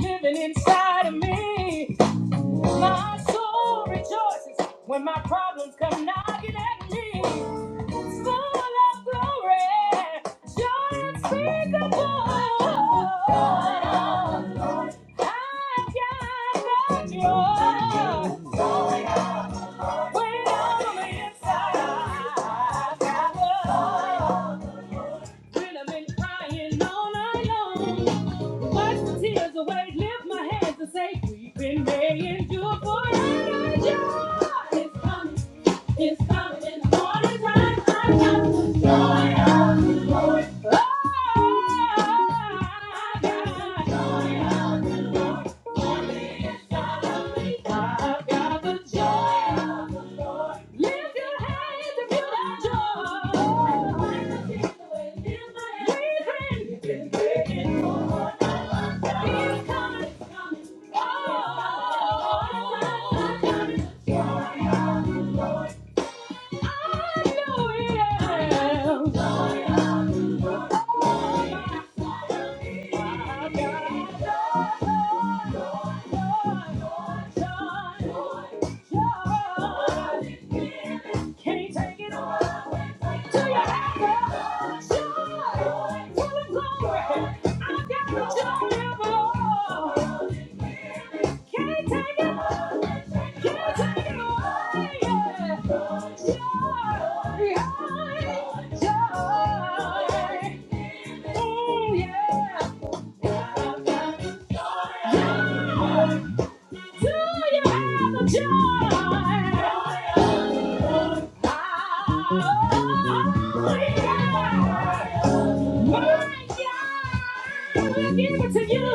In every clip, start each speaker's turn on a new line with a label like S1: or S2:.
S1: Living inside of me. My soul rejoices when my problems come knocking at me. It's full of glory, joy unspeakable. I've got the joy when I'm on the inside. I've got the joy when I've been crying all night long. Wipe the tears away, lift my hands and say, We've been made endure forever. Joy is coming. It's coming in the morning time. I got the joy of the Lord. Oh, I got the joy of the Lord. For me is God of me. I've got the joy of the Lord. Lift your hands if you have joy. Raise hands. It's coming. Oh, can't take it away till you have the joy. Tell 'em glory. I got the joy of the Lord. Can't take it away. Can't take it away. Yeah. Joy, joy, joy. Ooh, yeah. Do you have a joy? Oh, yeah. My God, we'll give it to you.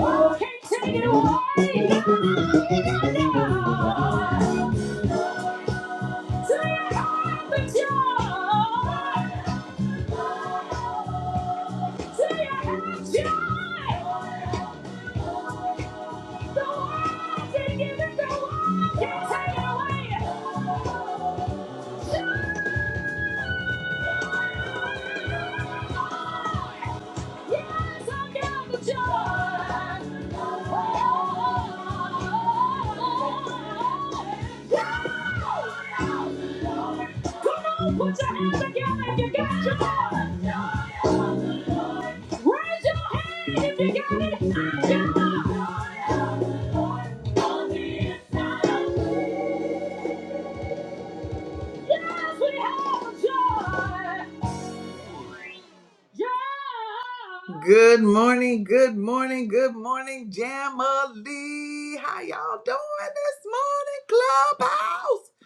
S1: Oh, can't take it away. No, no, no. The it, the world, can't take it away. Put your hands together if you got your joy. Raise your hand if you got it. I got mine. Yes, we have joy. joy. Yeah. Good morning, good morning, good morning, Jamali. How y'all doing this morning, Clubhouse?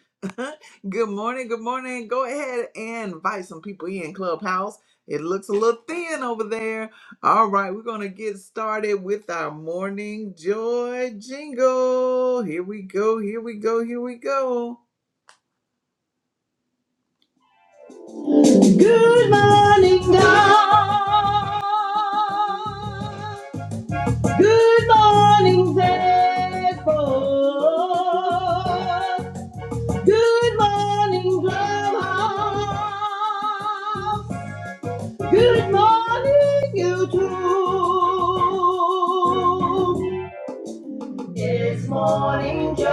S1: good morning, good morning. Go ahead and invite some people in, Clubhouse. It looks a little thin over there. All right, we're going to get started with our morning joy jingle. Here we go, here we go, here we go. Good morning, God. Good morning, Zephyr. Good morning, Drumhouse. Good morning, YouTube. It's morning joy.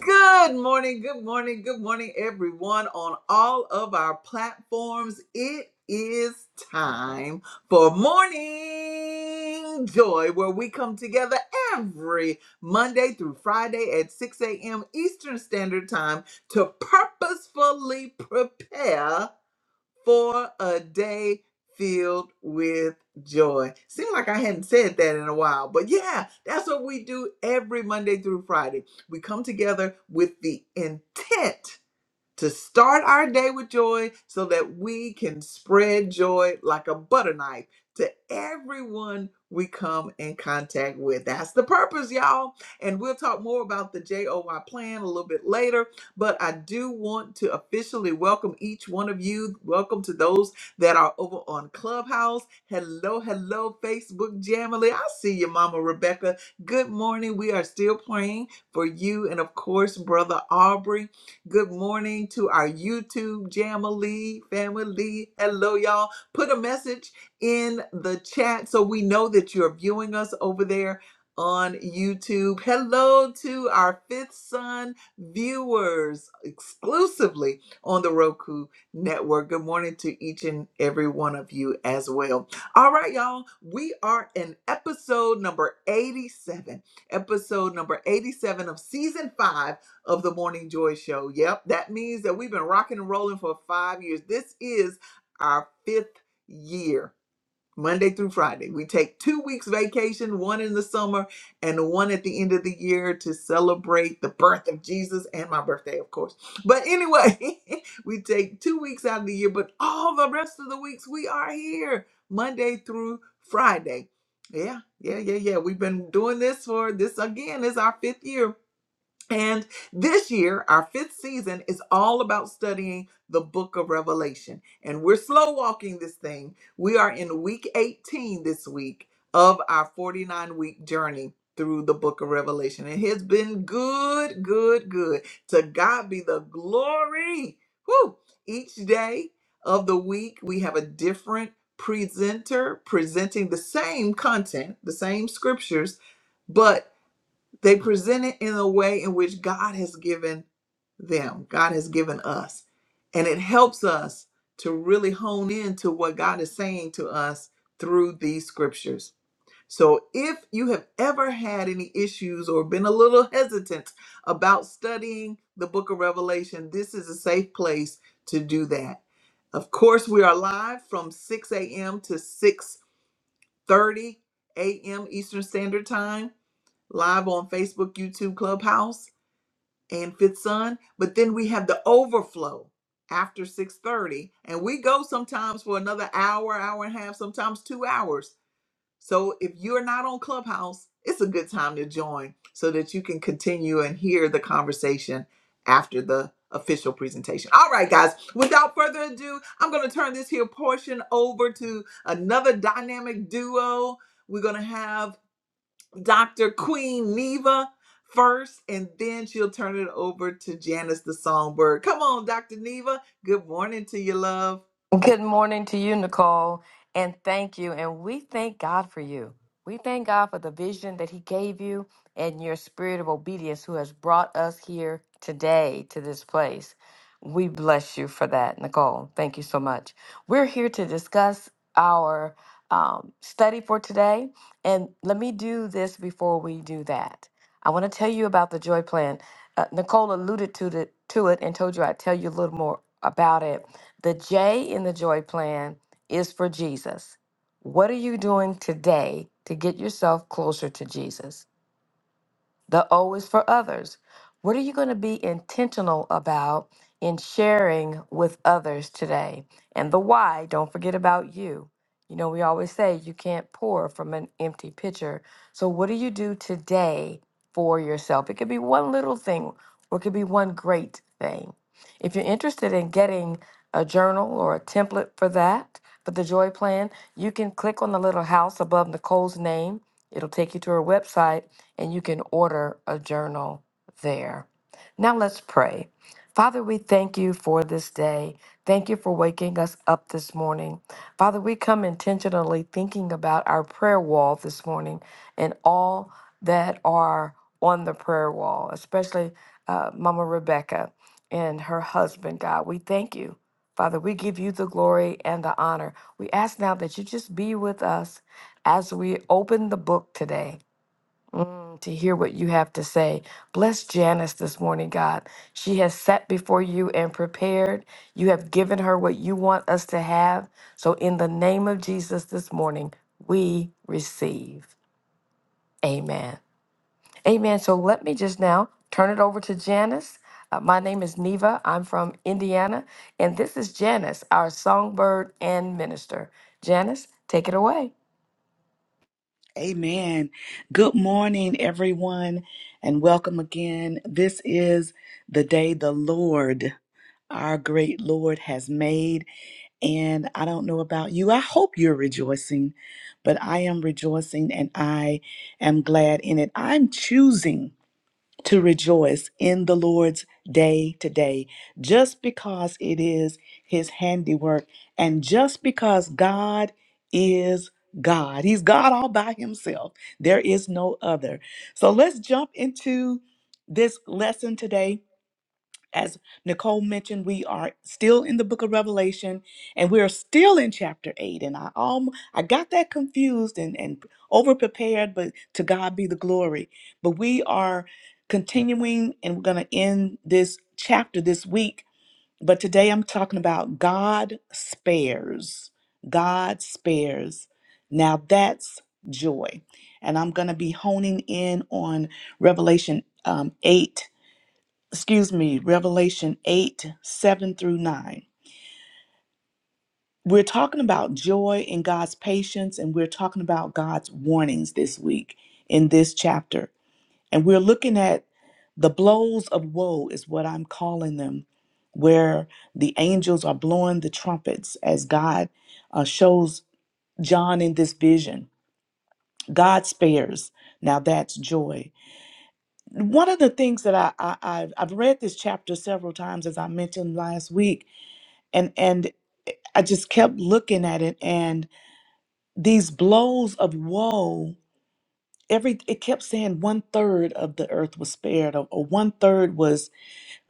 S1: Good morning, good morning, good morning, everyone on all of our platforms. It is time for Morning Joy, where we come together every Monday through Friday at 6 a.m. Eastern Standard Time to purposefully prepare for a day filled with joy. Seems like I hadn't said that in a while, but yeah, that's what we do every Monday through Friday. We come together with the intent to start our day with joy so that we can spread joy like a butter knife to everyone we come in contact with. That's the purpose, y'all. And we'll talk more about the JOY plan a little bit later, but I do want to officially welcome each one of you. Welcome to those that are over on Clubhouse. Hello, hello, Facebook Jamily. I see you, Mama Rebecca. Good morning. We are still praying for you and, of course, Brother Aubrey. Good morning to our YouTube Jamily family. Hello, y'all. Put a message in the chat so we know that you're viewing us over there on YouTube. Hello to our Fifth Son viewers exclusively on the Roku Network. Good morning to each and every one of you as well. All right, y'all. We are in episode number 87. Episode number 87 of season 5 of the Morning Joy Show. Yep, that means that we've been rocking and rolling for five years. This is our fifth year, Monday through Friday. We take two weeks vacation, one in the summer and one at the end of the year to celebrate the birth of Jesus and my birthday, of course. But anyway, we take two weeks out of the year, but all the rest of the weeks we are here, Monday through Friday. Yeah, yeah, yeah, yeah. We've been doing this for this again is our fifth year and this year, our fifth season is all about studying the book of Revelation. And we're slow walking this thing. We are in week 18 this week of our 49 week journey through the book of Revelation. and It has been good, good, good. To God be the glory. Woo! Each day of the week, we have a different presenter presenting the same content, the same scriptures but they present it in a way in which God has given them, God has given us. And it helps us to really hone in to what God is saying to us through these scriptures. So if you have ever had any issues or been a little hesitant about studying the book of Revelation, this is a safe place to do that. Of course, we are live from 6 a.m. to 6:30 a.m. Eastern Standard Time, live on Facebook, YouTube, Clubhouse and fifth son but then we have the overflow after 6.30 and we go sometimes for another hour hour and a half sometimes two hours so if you're not on clubhouse it's a good time to join so that you can continue and hear the conversation after the official presentation all right guys without further ado i'm going to turn this here portion over to another dynamic duo we're going to have Dr. Queen Neva first, and then she'll turn it over to Janice the Songbird. Come on, Dr. Neva. Good morning to you, love.
S2: Good morning to you, Nicole, and thank you. And we thank God for you. We thank God for the vision that He gave you and your spirit of obedience who has brought us here today to this place. We bless you for that, Nicole. Thank you so much. We're here to discuss our um, study for today. And let me do this before we do that. I want to tell you about the joy plan. Uh, Nicole alluded to, the, to it and told you I'd tell you a little more about it the J in the joy plan is for Jesus. What are you doing today to get yourself closer to Jesus? The O is for others. What are you going to be intentional about in sharing with others today? And the why, don't forget about you. You know, we always say you can't pour from an empty pitcher. So, what do you do today for yourself? It could be one little thing or it could be one great thing. If you're interested in getting a journal or a template for that, for the joy plan, you can click on the little house above Nicole's name. It'll take you to her website and you can order a journal there. Now let's pray. Father, we thank you for this day. Thank you for waking us up this morning. Father, we come intentionally thinking about our prayer wall this morning and all that are on the prayer wall, especially uh, Mama Rebecca and her husband, God. We thank you. Father, we give you the glory and the honor. We ask now that you just be with us as we open the book today. Mm, to hear what you have to say. Bless Janice this morning, God. She has sat before you and prepared. You have given her what you want us to have. So, in the name of Jesus this morning, we receive. Amen. Amen. So, let me just now turn it over to Janice. Uh, my name is Neva. I'm from Indiana. And this is Janice, our songbird and minister. Janice, take it away.
S3: Amen. Good morning, everyone, and welcome again. This is the day the Lord, our great Lord, has made. And I don't know about you. I hope you're rejoicing, but I am rejoicing and I am glad in it. I'm choosing to rejoice in the Lord's day today, just because it is His handiwork, and just because God is God. He's God all by Himself, there is no other. So let's jump into this lesson today as Nicole mentioned, we are still in the book of Revelation and we're still in chapter 8. And I alm I got that confused and, and over prepared, but to God be the glory. But we are continuing and we're going to end this chapter this week. But today I'm talking about God spares. God spares. Now that's joy. And I'm going to be honing in on Revelation um, 8 excuse me, Revelation 8 7 through 9. We're talking about joy in God's patience, and we're talking about God's warnings this week in this chapter. And we're looking at the blows of woe, is what I'm calling them, where the angels are blowing the trumpets as God uh, shows John in this vision. God spares. Now that's joy. One of the things that I, I, I've, I've read this chapter several times, as I mentioned last week, and and I just kept looking at it and these blows of woe every it kept saying one third of the earth was spared or, or one third was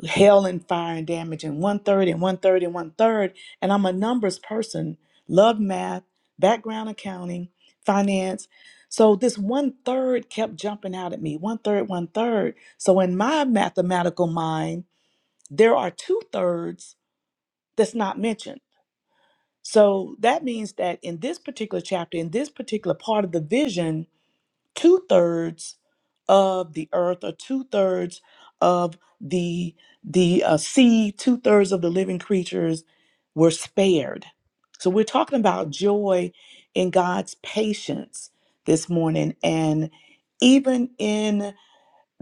S3: hail and fire and damage and one third and one third and one third and I'm a numbers person love math background accounting finance so this one third kept jumping out at me one third one third so in my mathematical mind there are two thirds that's not mentioned So that means that in this particular chapter, in this particular part of the vision, two thirds of the earth, or two thirds of the the uh, sea, two thirds of the living creatures were spared. So we're talking about joy in God's patience this morning, and even in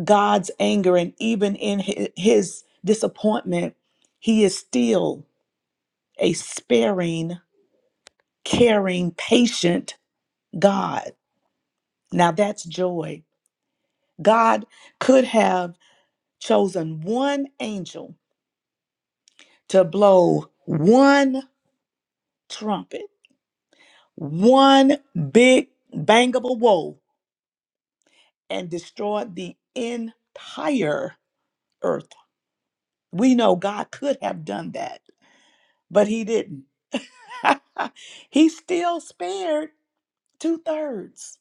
S3: God's anger, and even in hi- His disappointment, He is still a sparing caring, patient God. Now that's joy. God could have chosen one angel to blow one trumpet, one big bangable woe, and destroyed the entire earth. We know God could have done that, but He didn't. he still spared two thirds.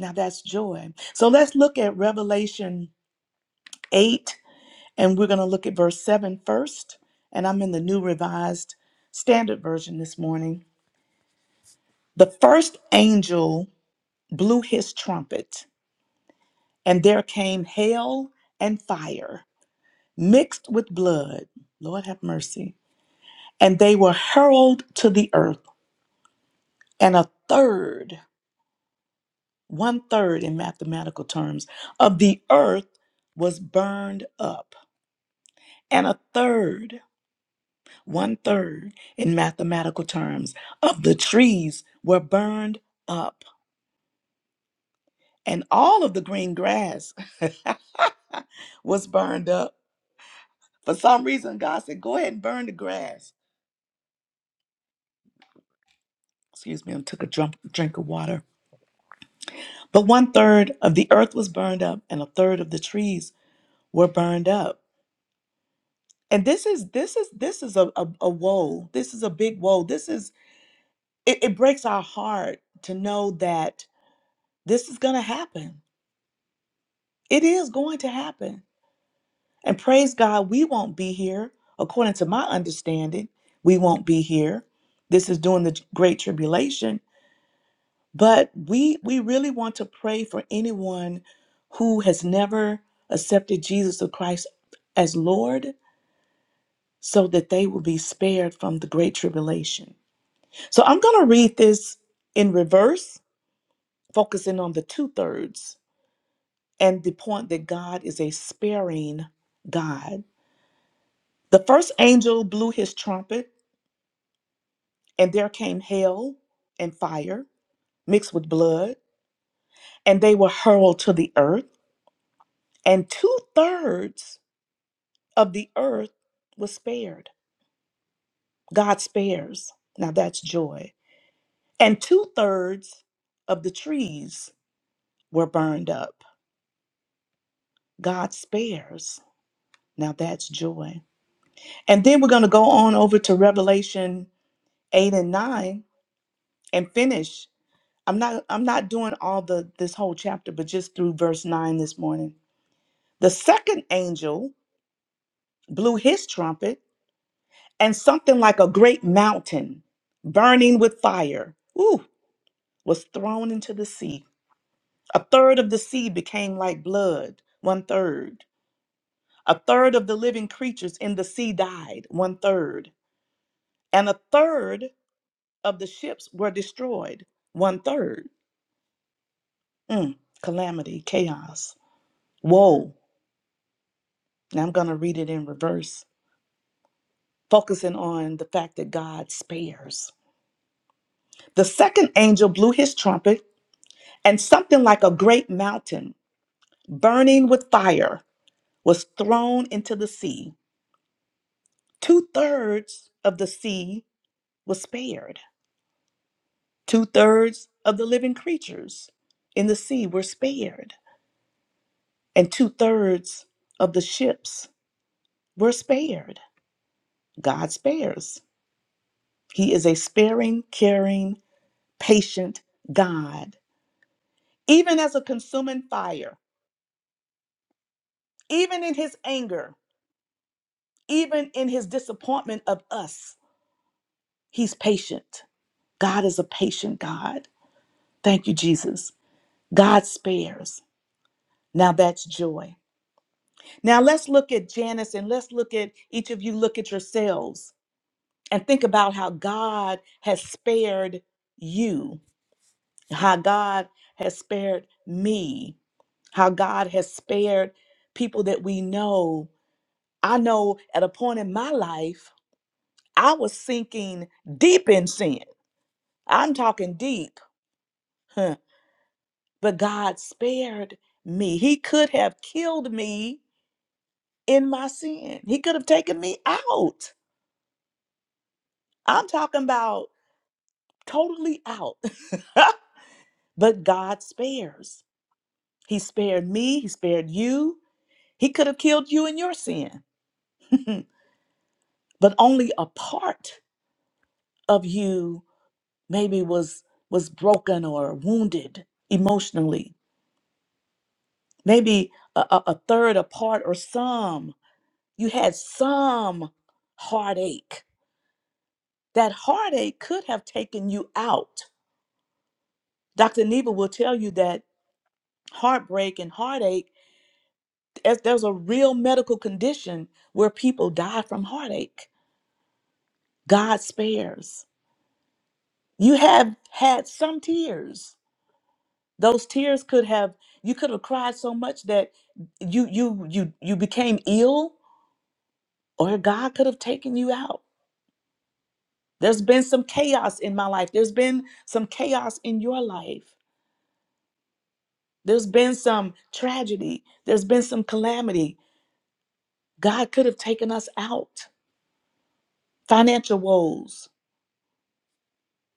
S3: Now that's joy. So let's look at Revelation 8 And we're going to look at verse 7 first. And I'm in the New Revised Standard Version this morning. The first angel blew his trumpet, and there came hail and fire mixed with blood. Lord have mercy. And they were hurled to the earth, and a third, one third in mathematical terms, of the earth was burned up, and a third one third in mathematical terms of the trees were burned up and all of the green grass was burned up for some reason god said go ahead and burn the grass excuse me i took a drunk, drink of water but one third of the earth was burned up and a third of the trees were burned up and this is this is this is a, a, a woe this is a big woe this is it, it breaks our heart to know that this is going to happen It is going to happen. And praise God, we won't be here. According to my understanding, we won't be here. This is during the Great Tribulation. But we we really want to pray for anyone who has never accepted Jesus of Christ as Lord so that they will be spared from the Great Tribulation. So I'm going to read this in reverse, focusing on the two thirds and the point that God is a sparing God. The first angel blew his trumpet, and there came hail and fire mixed with blood, and they were hurled to the earth, and two thirds of the earth was spared. God spares. Now that's joy. And two thirds of the trees were burned up. God spares. Now that's joy. And then we're going to go on over to Revelation 8 and 9 and finish I'm not I'm not doing all the this whole chapter, but just through verse 9 this morning. The second angel blew his trumpet, and something like a great mountain burning with fire, ooh, was thrown into the sea. A third of the sea became like blood, one third. A third of the living creatures in the sea died, one third. And a third of the ships were destroyed, one third. Mm, calamity, chaos, woe And I'm going to read it in reverse, focusing on the fact that God spares. The second angel blew his trumpet, and something like a great mountain burning with fire was thrown into the sea. Two thirds of the sea was spared, two thirds of the living creatures in the sea were spared, and two thirds of the ships were spared. God spares. He is a sparing, caring, patient God even as a consuming fire, even in his anger, even in his disappointment of us, he's patient. God is a patient God. Thank you, Jesus. God spares. Now that's joy. Now let's look at Janice and let's look at each of you, look at yourselves and think about how God has spared you, how God has spared me, how God has spared people that we know. I know at a point in my life, I was sinking deep in sin. I'm talking deep. huh, But God spared me. He could have killed me in my sin. He could have taken me out. I'm talking about totally out. but God spares. He spared me. He spared you. He could have killed you in your sin. but only a part of you maybe was was broken or wounded emotionally maybe a, a, a third, a part, or some. You had some heartache. That heartache could have taken you out. Dr. Neva will tell you that heartbreak and heartache, as there's a real medical condition where people die from heartache. God spares. You have had some tears. Those tears could have you could have cried so much that you you you you became ill or God could have taken you out There's been some chaos in my life. There's been some chaos in your life. There's been some tragedy. There's been some calamity. God could have taken us out. Financial woes.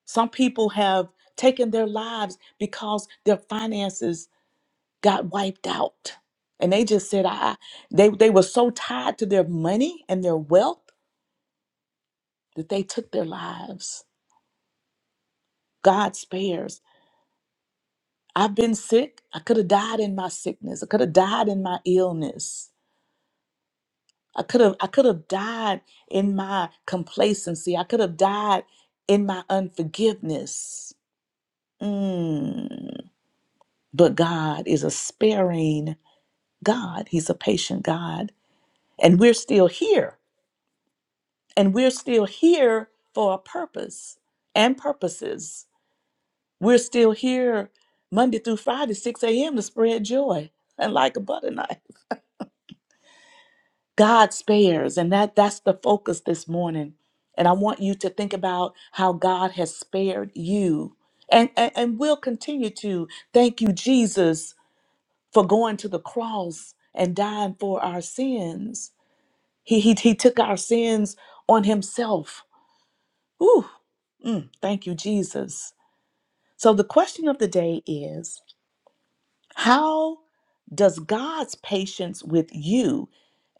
S3: Some people have taken their lives because their finances got wiped out. And they just said, I they they were so tied to their money and their wealth that they took their lives. God spares. I've been sick. I could have died in my sickness. I could have died in my illness. I could have I could have died in my complacency. I could have died in my unforgiveness. Mm. But God is a sparing God. He's a patient God. And we're still here. And we're still here for a purpose and purposes. We're still here Monday through Friday, 6 a.m. to spread joy and like a butter knife. God spares, and that that's the focus this morning. And I want you to think about how God has spared you. And, and, and will continue to thank you, Jesus, for going to the cross and dying for our sins. He, he, he took our sins on himself. Ooh, mm, thank you, Jesus. So the question of the day is How does God's patience with you,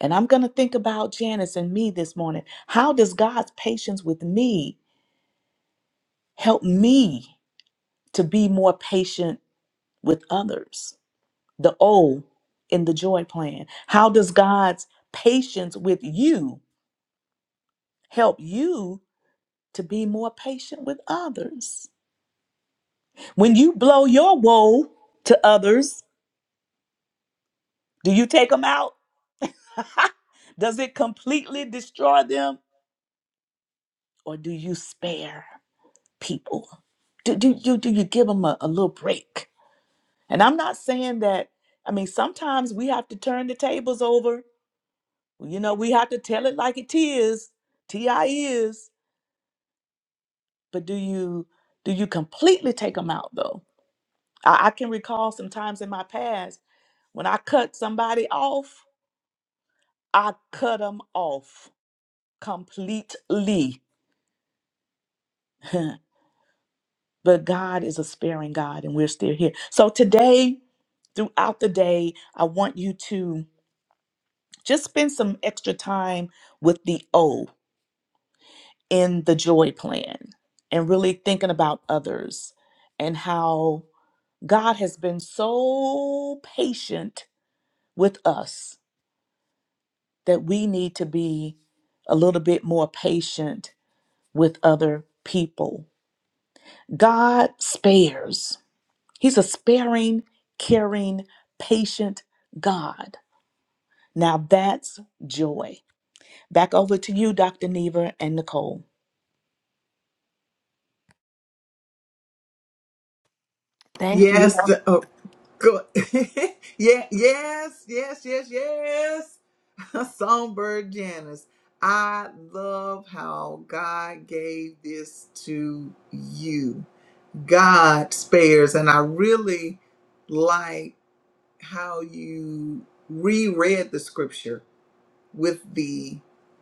S3: and I'm going to think about Janice and me this morning, how does God's patience with me help me to be more patient with others? The O in the joy plan. How does God's patience with you help you to be more patient with others? When you blow your woe to others, do you take them out? Does it completely destroy them? or do you spare people? Do, do you do you give them a, a little break? And I'm not saying that. I mean, sometimes we have to turn the tables over. You know, we have to tell it like it is. Ti is. But do you do you completely take them out though? I, I can recall some times in my past when I cut somebody off, I cut them off completely. but God is a sparing God, and we're still here. So today. throughout the day, I want you to just spend some extra time with the O in the joy plan and really thinking about others and how God has been so patient with us that we need to be a little bit more patient with other people. God spares, He's a sparing, caring, patient God. Now that's joy. Back over to you, Dr. Neva and Nicole.
S2: Thank you.
S1: Yes. the- oh, good. yeah. Yes. Yes. Yes. Yes. Songbird Janice. I love how God gave this to you. God spares, and I really like how you reread the scripture with the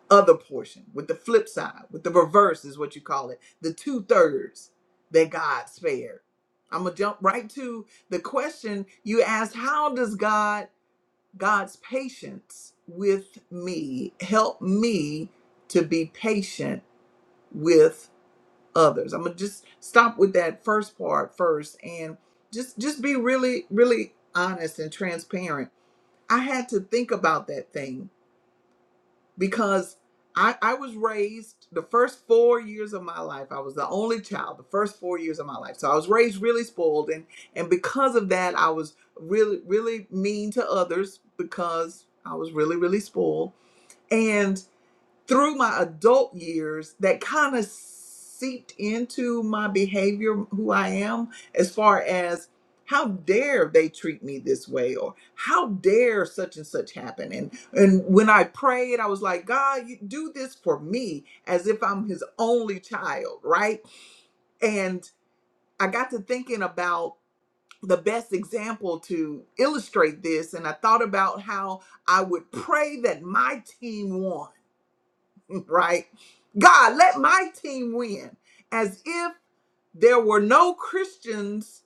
S1: other portion, with the flip side, with the reverse is what you call it, the two thirds that God spared. I'm gonna jump right to the question you asked: How does God, God's patience with me, help me to be patient with others? I'm gonna just stop with that first part first, and just just be really, really honest and transparent. I had to think about that thing because I, I was raised the first four years of my life. I was the only child the first four years of my life. So I was raised really spoiled. And, and because of that, I was really, really mean to others because I was really, really spoiled. and through my adult years that kind of seeped into my behavior, who I am, as far as how dare they treat me this way or how dare such and such happen and and when i prayed i was like god you do this for me as if i'm his only child right and i got to thinking about the best example to illustrate this and i thought about how i would pray that my team won right? God, let my team win as if there were no Christians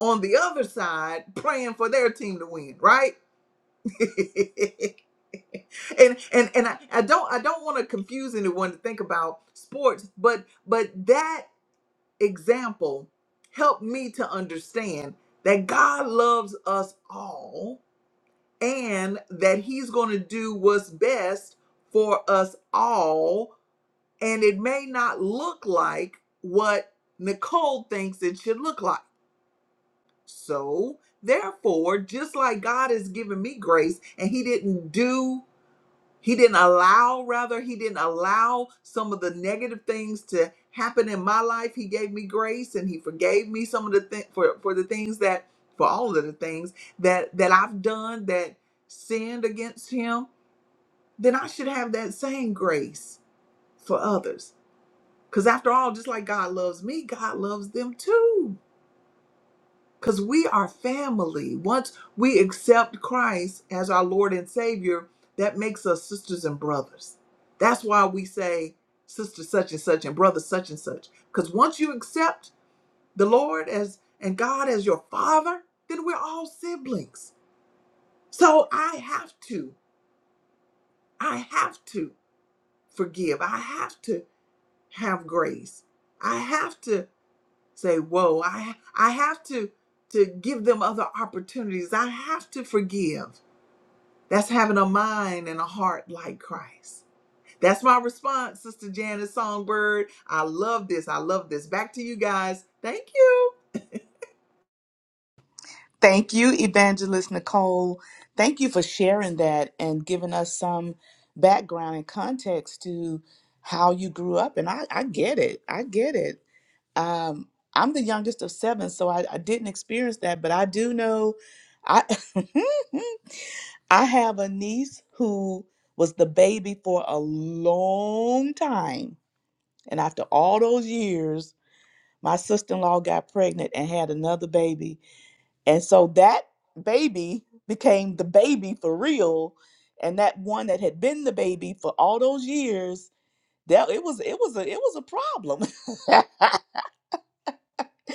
S1: on the other side praying for their team to win, right? and and and I, I don't I don't want to confuse anyone to think about sports, but but that example helped me to understand that God loves us all and that he's going to do what's best for us all and it may not look like what Nicole thinks it should look like. So, therefore, just like God has given me grace and He didn't do, He didn't allow, rather, He didn't allow some of the negative things to happen in my life. He gave me grace and He forgave me some of the things for, for the things that, for all of the things that that I've done that sinned against Him. Then I should have that same grace for others Because after all, just like God loves me, God loves them too. Because we are family. Once we accept Christ as our Lord and Savior, that makes us sisters and brothers. That's why we say sister such and such and brother such and such. Because once you accept the Lord as and God as your father, then we're all siblings. So I have to, I have to forgive. I have to have grace. I have to say whoa i i have to to give them other opportunities i have to forgive that's having a mind and a heart like christ that's my response sister janice songbird i love this i love this back to you guys thank you
S3: Thank you, Evangelist Nicole. Thank you for sharing that and giving us some background and context to how you grew up. And I, I get it. I get it. Um, I'm the youngest of seven, so I, I didn't experience that, but I do know I I have a niece who was the baby for a long time. And after all those years, my sister-in-law got pregnant and had another baby and so that baby became the baby for real and that one that had been the baby for all those years that it was it was a it was a problem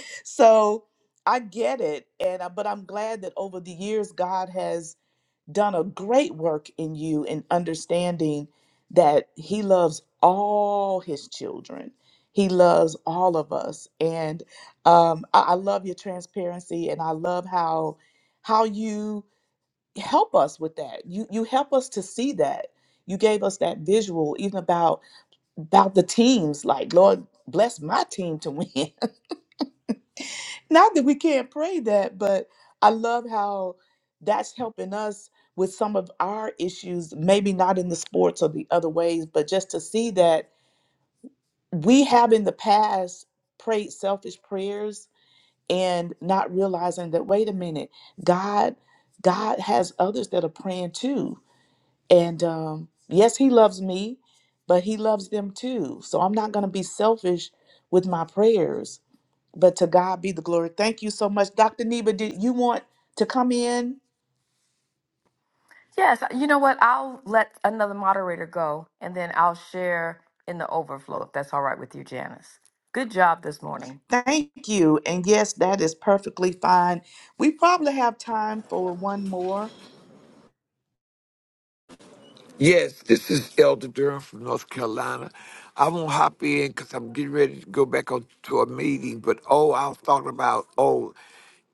S3: so i get it and I, but i'm glad that over the years god has done a great work in you in understanding that he loves all his children. He loves all of us. And um, I, I love your transparency and I love how how you help us with that. You you help us to see that. You gave us that visual even about about the teams, like Lord bless my team to win. Not that we can't pray that, but I love how that's helping us with some of our issues, maybe not in the sports or the other ways, but just to see that we have in the past prayed selfish prayers and not realizing that, wait a minute, God, God has others that are praying too. And um, yes, He loves me, but He loves them too. So I'm not going to be selfish with my prayers but to God be the glory. Thank you so much. Dr. Neva, did you want to come in?
S2: Yes, you know what? I'll let another moderator go and then I'll share in the overflow if that's all right with you, Janice. Good job this morning.
S3: Thank you. And yes, that is perfectly fine. We probably have time for one more.
S4: Yes, this is Elder Durham from North Carolina. I won't hop in because I'm getting ready to go back on to a meeting. But oh, I was talking about oh,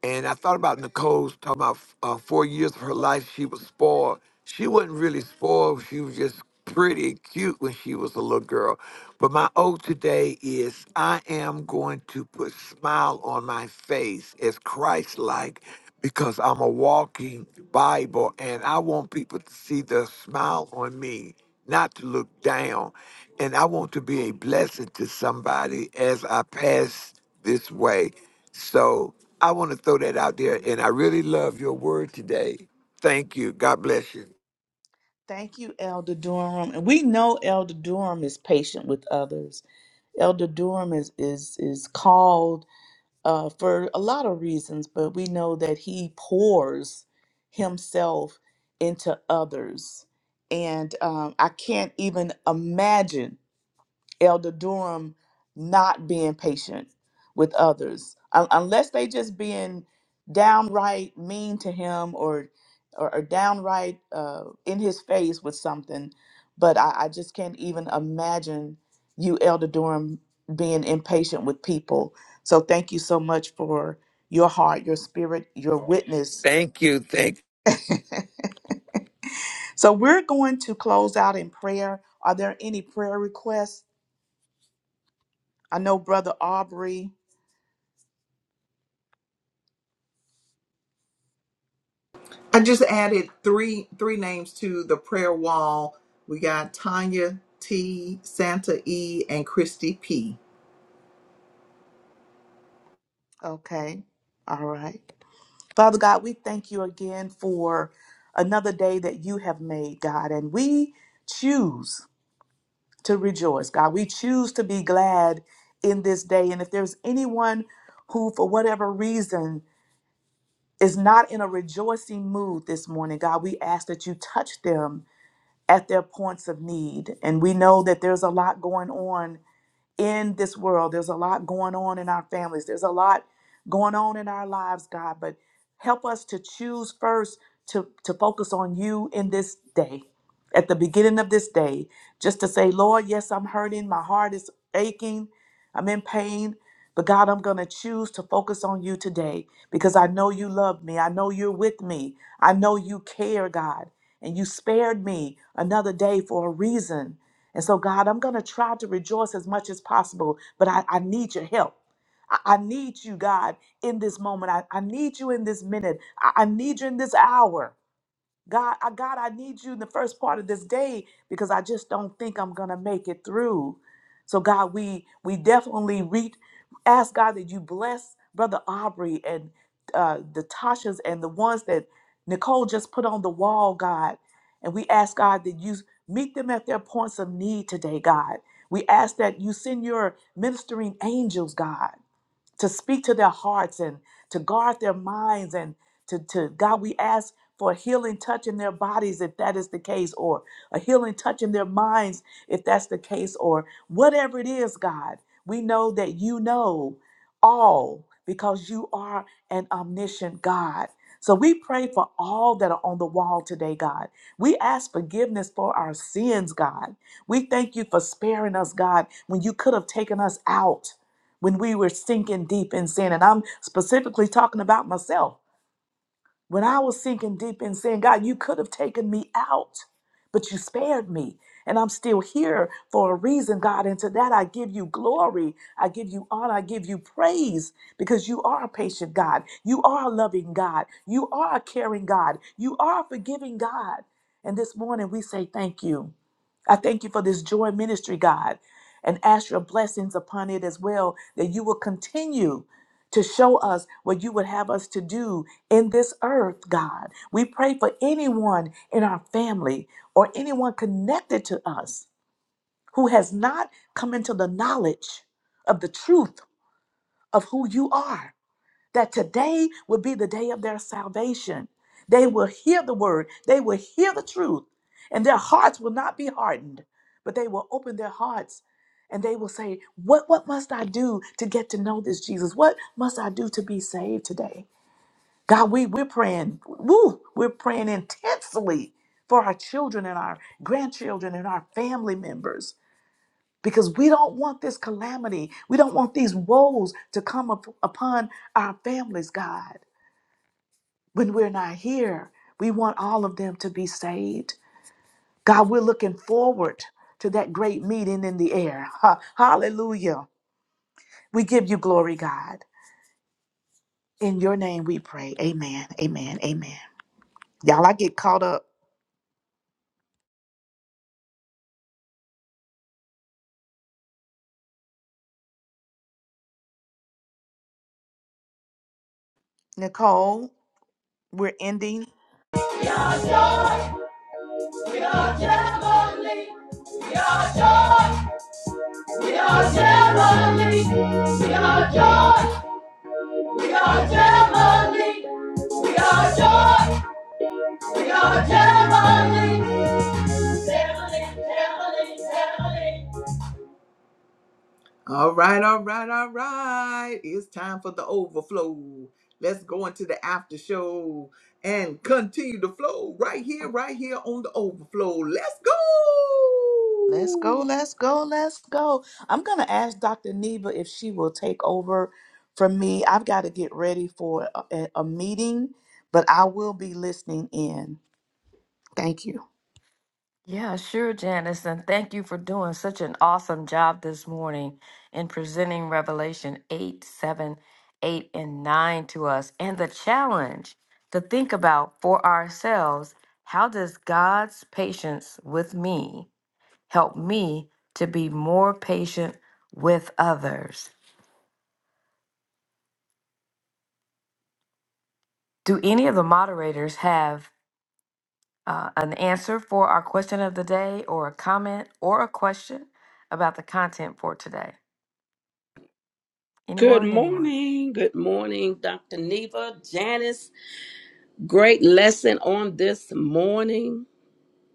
S4: and I thought about Nicole's talking about uh, four years of her life she was spoiled. She wasn't really spoiled. She was just pretty cute when she was a little girl. But my O today is I am going to put smile on my face as Christ like because I'm a walking Bible and I want people to see the smile on me, not to look down. And I want to be a blessing to somebody as I pass this way. So I want to throw that out there. And I really love your word today. Thank you. God bless you.
S3: Thank you, Elder Durham. And we know Elder Durham is patient with others. Elder Durham is is is called uh, for a lot of reasons, but we know that he pours himself into others. And um, I can't even imagine Elder Durham not being patient with others, un- unless they just being downright mean to him or or, or downright uh, in his face with something. But I, I just can't even imagine you, Elder Durham, being impatient with people. So thank you so much for your heart, your spirit, your witness.
S4: Thank you. Thank
S3: so we're going to close out in prayer. Are there any prayer requests? I know Brother Aubrey
S1: i just added three three names to the prayer wall we got tanya t santa e and christy p
S3: Okay. All right. Father God, we thank you again for another day that you have made, God, and we choose to rejoice, God. We choose to be glad in this day. And if there's anyone who, for whatever reason, is not in a rejoicing mood this morning, God, we ask that you touch them at their points of need. And we know that there's a lot going on in this world. There's a lot going on in our families. There's a lot going on in our lives, God, but help us to choose first to, to focus on you in this day. At the beginning of this day, just to say, Lord, yes, I'm hurting. My heart is aching. I'm in pain. But God, I'm going to choose to focus on you today because I know you love me. I know you're with me. I know you care, God. And you spared me another day for a reason. And so, God, I'm going to try to rejoice as much as possible, but I, I need your help. I, I need you, God, in this moment. I, I need you in this minute. I, I need you in this hour. God, I, God, I need you in the first part of this day because I just don't think I'm gonna make it through. So God, we we definitely re- ask God that you bless Brother Aubrey and uh, the Tashas and the ones that Nicole just put on the wall, God. And we ask God that you meet them at their points of need today, God. We ask that you send your ministering angels, God to speak to their hearts and to guard their minds and to, to God, we ask for a healing touch in their bodies if that is the case, or a healing touch in their minds if that's the case, or whatever it is, God. We know that you know all because you are an omniscient God. So we pray for all that are on the wall today, God. We ask forgiveness for our sins, God. We thank you for sparing us, God, when you could have taken us out when we were sinking deep in sin. And I'm specifically talking about myself. When I was sinking deep in sin, God, you could have taken me out, but you spared me. And I'm still here for a reason, God. And to that, I give you glory. I give you honor. I give you praise because you are a patient God. You are a loving God. You are a caring God. You are a forgiving God. And this morning, we say thank you. I thank you for this joy ministry, God, and ask your blessings upon it as well, that you will continue to show us what you would have us to do in this earth, God. We pray for anyone in our family or anyone connected to us who has not come into the knowledge of the truth of who you are, that today will be the day of their salvation. They will hear the word, they will hear the truth, and their hearts will not be hardened, but they will open their hearts. And they will say, what, what must I do to get to know this Jesus? What must I do to be saved today? God, we, we're praying, woo, we're praying intensely for our children and our grandchildren and our family members because we don't want this calamity. We don't want these woes to come up, upon our families, God. When we're not here, we want all of them to be saved. God, we're looking forward to that great meeting in the air. Ha- hallelujah. We give you glory, God. In your name we pray. Amen. Amen. Amen. Y'all, I get caught up. Nicole. We're ending.
S1: We are joy. We are heavenly. We are joy. We are Gemini. We are joy. We are Gemini. We are joy. We are Gemini. Gemini, Gemini, Gemini. All right, all right, all right. It's time for the overflow. Let's go into the after show and continue to flow right here, right here on the overflow. Let's go.
S3: Let's go, let's go, let's go. I'm going to ask Dr. Neva if she will take over from me. I've got to get ready for a, a a meeting, but I will be listening in. Thank you.
S2: Yeah, sure, Janice. And thank you for doing such an awesome job this morning in presenting Revelation 8, 7, 8, and 9 to us and the challenge to think about for ourselves how does God's patience with me help me to be more patient with others? Do any of the moderators have uh, an answer for our question of the day, or a comment, or a question about the content for today?
S5: Good
S2: Anyone? Anyone?
S5: morning. Good morning, Dr. Neva, Janice. Great lesson on this morning.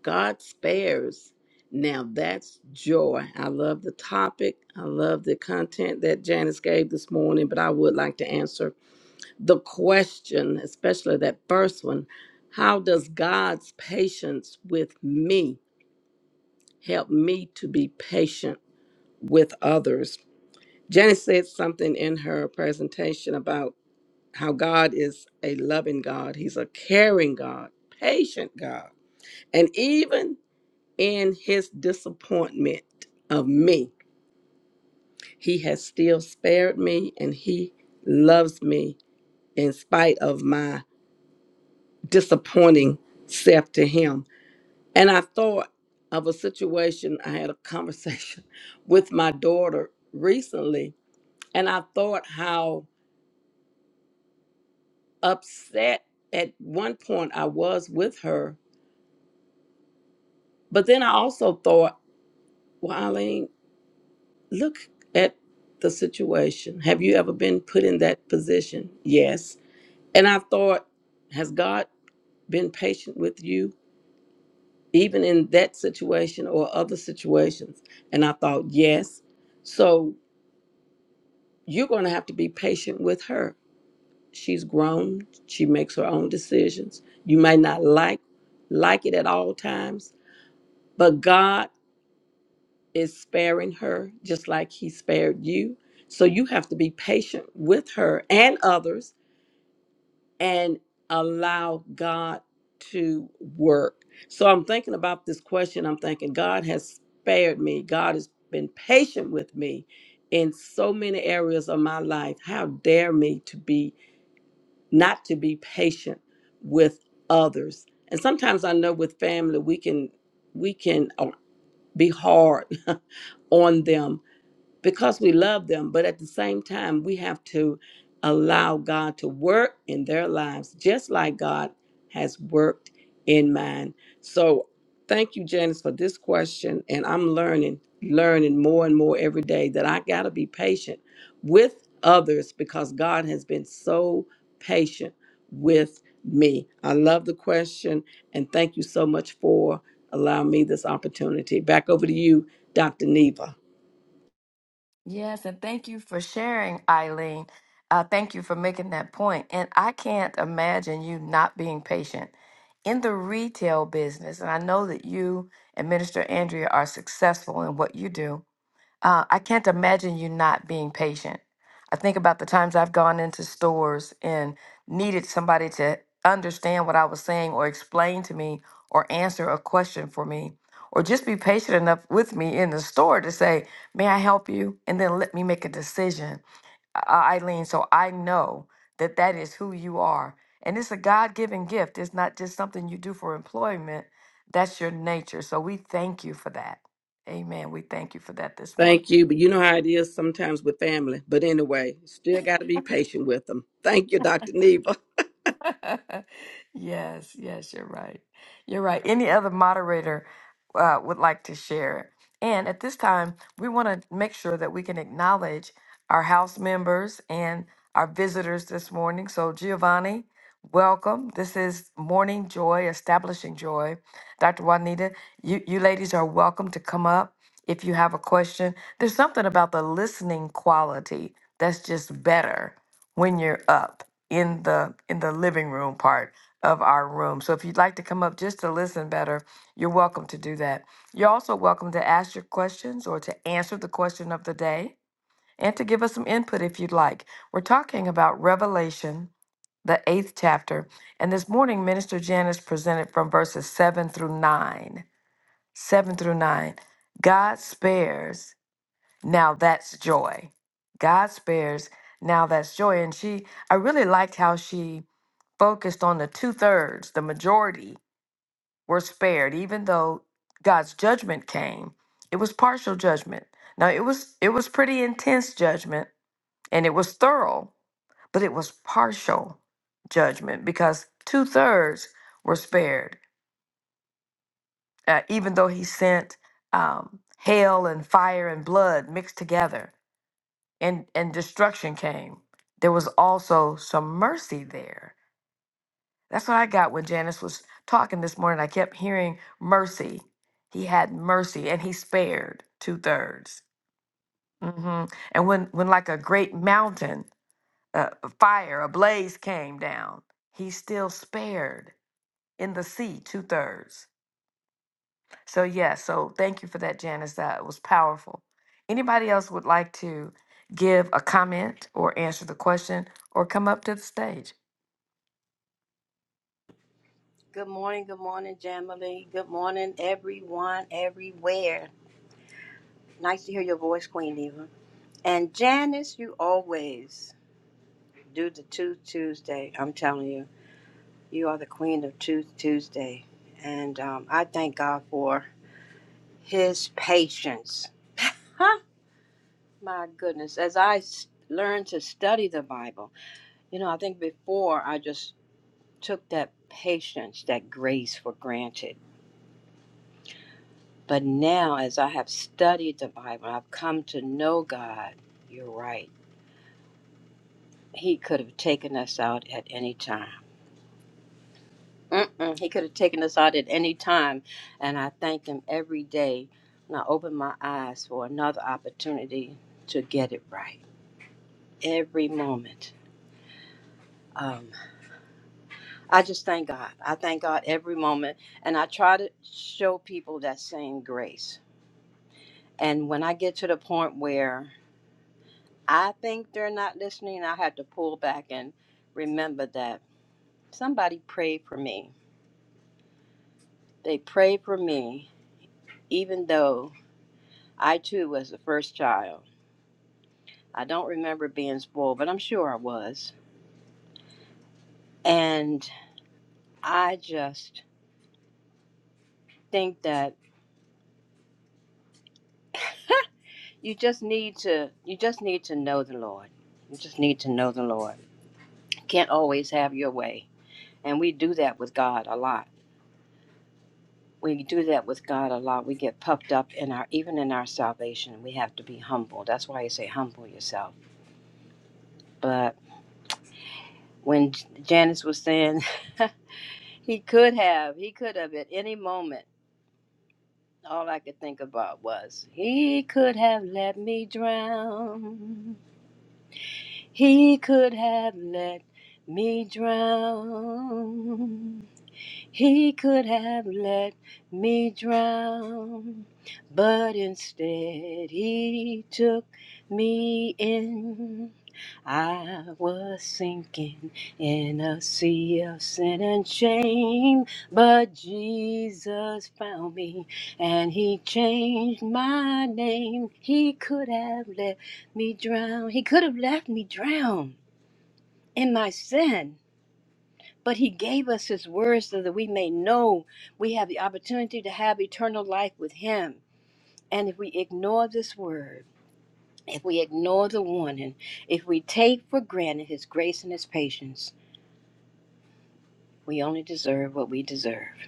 S5: God spares. Now that's joy. I love the topic. I love the content that Janice gave this morning, but I would like to answer the question, especially that first one. How does God's patience with me help me to be patient with others? Janice said something in her presentation about how God is a loving God, He's a caring God, patient God. And even in His disappointment of me, He has still spared me and He loves me in spite of my disappointing self to Him. And I thought of a situation, I had a conversation with my daughter recently, and I thought how upset at one point I was with her But then I also thought, well, Eileen, look at the situation. Have you ever been put in that position? Yes. And I thought, has God been patient with you, even in that situation or other situations? And I thought, yes. So you're going to have to be patient with her. She's grown. She makes her own decisions. You may not like like it at all times, but God is sparing her just like he spared you. So you have to be patient with her and others and allow God to work. So I'm thinking about this question. I'm thinking, God has spared me. God has been patient with me in so many areas of my life. How dare me to be not to be patient with others? And sometimes I know with family we can we can uh, be hard on them because we love them, but at the same time, we have to allow God to work in their lives just like God has worked in mine. So, thank you, Janice, for this question. And I'm learning, learning more and more every day that I got to be patient with others because God has been so patient with me. I love the question and thank you so much for allowing me this opportunity. Back over to you, Dr. Neva.
S2: Yes, and thank you for sharing, Eileen. Uh, thank you for making that point. And I can't imagine you not being patient in the retail business. And I know that you and Minister Andrea are successful in what you do Uh, I can't imagine you not being patient. I think about the times I've gone into stores and needed somebody to understand what I was saying or explain to me or answer a question for me or just be patient enough with me in the store to say, May I help you? And then let me make a decision, I- Eileen. So I know that that is who you are. And it's a God given gift, it's not just something you do for employment. That's your nature. So we thank you for that. Amen. We thank you for that this morning.
S5: Thank you. But you know how it is sometimes with family. But anyway, still got to be patient with them. Thank you, Dr. Neva.
S2: Yes, yes, you're right. You're right. Any other moderator uh, would like to share? And at this time, we want to make sure that we can acknowledge our house members and our visitors this morning. So, Giovanni, welcome. This is Morning Joy, Establishing Joy. Dr. Juanita, you, you ladies are welcome to come up if you have a question. There's something about the listening quality that's just better when you're up in the in the living room part of our room. So if you'd like to come up just to listen better, you're welcome to do that. You're also welcome to ask your questions or to answer the question of the day and to give us some input if you'd like. We're talking about Revelation, the 8th chapter, and this morning Minister Janice presented from verses 7 through 9. 7 through 9. God spares now that's joy. God spares. Now that's joy. And she, I really liked how she focused on the two thirds, the majority were spared, even though God's judgment came. It was partial judgment. Now it was it was pretty intense judgment and it was thorough, but it was partial judgment because two thirds were spared, uh, even though He sent um, hail and fire and blood mixed together and and destruction came there was also some mercy there that's what i got when janice was talking this morning i kept hearing mercy he had mercy and he spared two-thirds hmm and when when like a great mountain uh, a fire a blaze came down he still spared in the sea two-thirds So yeah, so thank you for that, Janice. That was powerful. Anybody else would like to give a comment or answer the question or come up to the stage?
S6: Good morning, good morning, Jamily. Good morning, everyone, everywhere. Nice to hear your voice, Queen Eva. And Janice, you always do the Tooth Tuesday. I'm telling you, you are the queen of Tooth Tuesday. And um, I thank God for his patience. My goodness, as I s- learned to study the Bible, you know, I think before I just took that patience, that grace for granted But now, as I have studied the Bible, I've come to know God. You're right. He could have taken us out at any time. Mm-mm. He could have taken us out at any time. And I thank Him every day. And I open my eyes for another opportunity to get it right every moment. Um, I just thank God. I thank God every moment. And I try to show people that same grace. And when I get to the point where I think they're not listening. I had to pull back and remember that somebody prayed for me. They prayed for me, even though I too was the first child. I don't remember being spoiled, but I'm sure I was. And I just think that you just need to you just need to know the Lord. You just need to know the Lord. You can't always have your way. And we do that with God a lot we do that with God a lot. We get puffed up in our even in our salvation. We have to be humble. That's why you say humble yourself. But when Janice was saying he could have, he could have at any moment. All I could think about was he could have let me drown. He could have let me drown. He could have let me drown, but instead he took me in. I was sinking in a sea of sin and shame, but Jesus found me and he changed my name. He could have let me drown. He could have left me drown in my sin but he gave us his word so that we may know we have the opportunity to have eternal life with him. And if we ignore this word, if we ignore the warning, if we take for granted his grace and his patience, we only deserve what we deserve.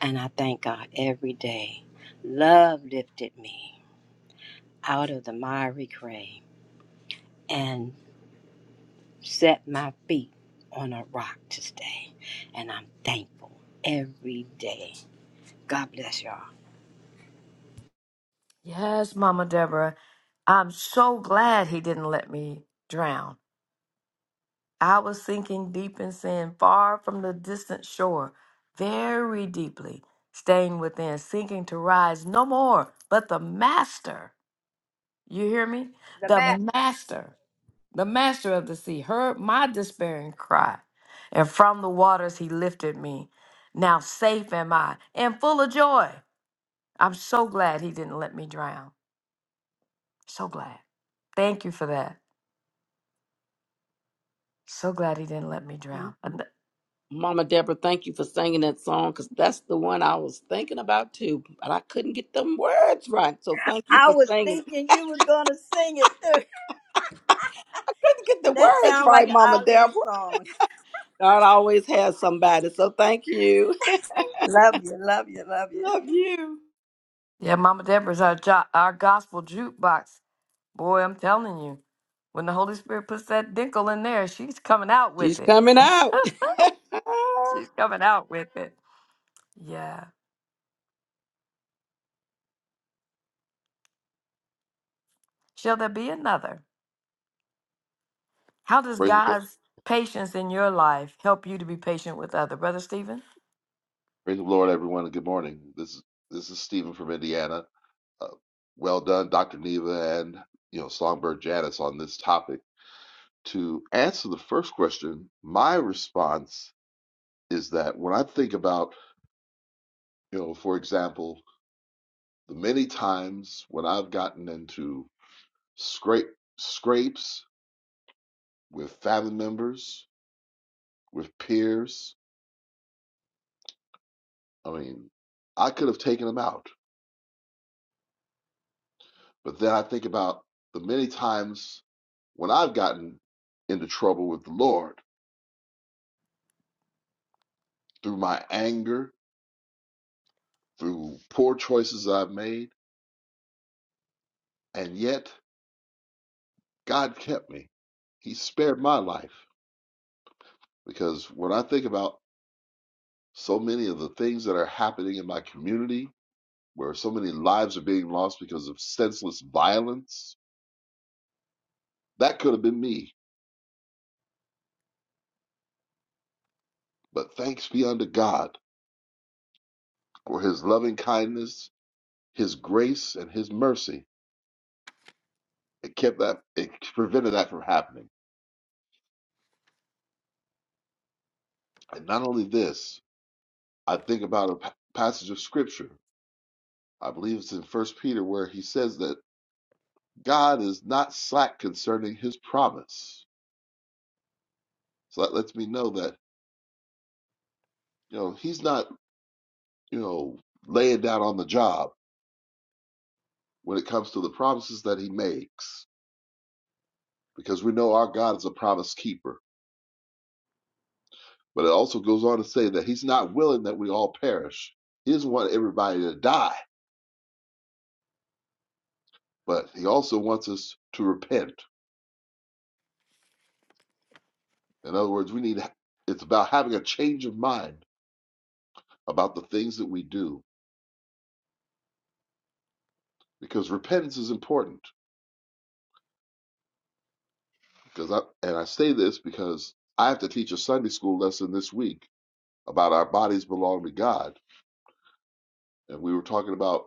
S6: And I thank God every day. Love lifted me out of the miry grave and set my feet on a rock to stay. And I'm thankful every day. God bless y'all.
S2: Yes, Mama Deborah. I'm so glad he didn't let me drown. I was sinking deep in sin, far from the distant shore, very deeply, staying within, sinking to rise no more, but the master. You hear me?
S6: The
S2: The
S6: master.
S2: master the master of the sea, heard my despairing cry, and from the waters he lifted me. Now safe am I and full of joy. I'm so glad he didn't let me drown. So glad. Thank you for that. So glad he didn't let me drown. And th-
S5: Mama Deborah, thank you for singing that song because that's the one I was thinking about too. But I couldn't get them words right. So thank you
S6: I
S5: for
S6: was
S5: singing. it.
S6: thinking you were gonna sing it too.
S5: I couldn't get the
S6: That
S5: words
S6: sounds like
S5: right,
S6: an
S5: Mama
S6: Eileen
S5: Deborah.
S6: song.
S5: God always has somebody. So thank you.
S6: Love you, love you, love you.
S5: Love you.
S2: Yeah, Mama Deborah's our, jo- our gospel jukebox. Boy, I'm telling you, when the Holy Spirit puts that dinkle in there, she's coming out
S5: She's
S2: with it.
S5: coming out.
S2: She's coming out with it. Yeah. Shall there be another? How does
S7: Praise the, Lord-
S2: God's patience in your life help you to be patient with other, Brother Stephen?
S7: praise the Lord, everyone, and good morning. This is this is Stephen from Indiana. Uh, well done, Dr. Neva and you know Songbird Janice on this topic. To answer the first question, my response is that when I think about you know, for example, the many times when I've gotten into scrape scrapes with family members, with peers, I mean, I could have taken them out. But then I think about the many times when I've gotten into trouble with the Lord through my anger, through poor choices I've made, and yet God kept me. He spared my life because when I think about so many of the things that are happening in my community, where so many lives are being lost because of senseless violence, that could have been me. But thanks be unto God for his loving kindness, his grace, and his mercy It kept that, it prevented that from happening. And not only this, I think about a pa- passage of scripture. I believe it's in First Peter where he says that God is not slack concerning his promise. So that lets me know that, you know, he's not, you know, laying down on the job when it comes to the promises that he makes, because we know our God is a promise keeper. But it also goes on to say that he's not willing that we all perish. He doesn't want everybody to die, but he also wants us to repent. In other words, we need it's about having a change of mind about the things that we do because repentance is important. Because I and I say this because I have to teach a Sunday school lesson this week about our bodies belong to God, and we were talking about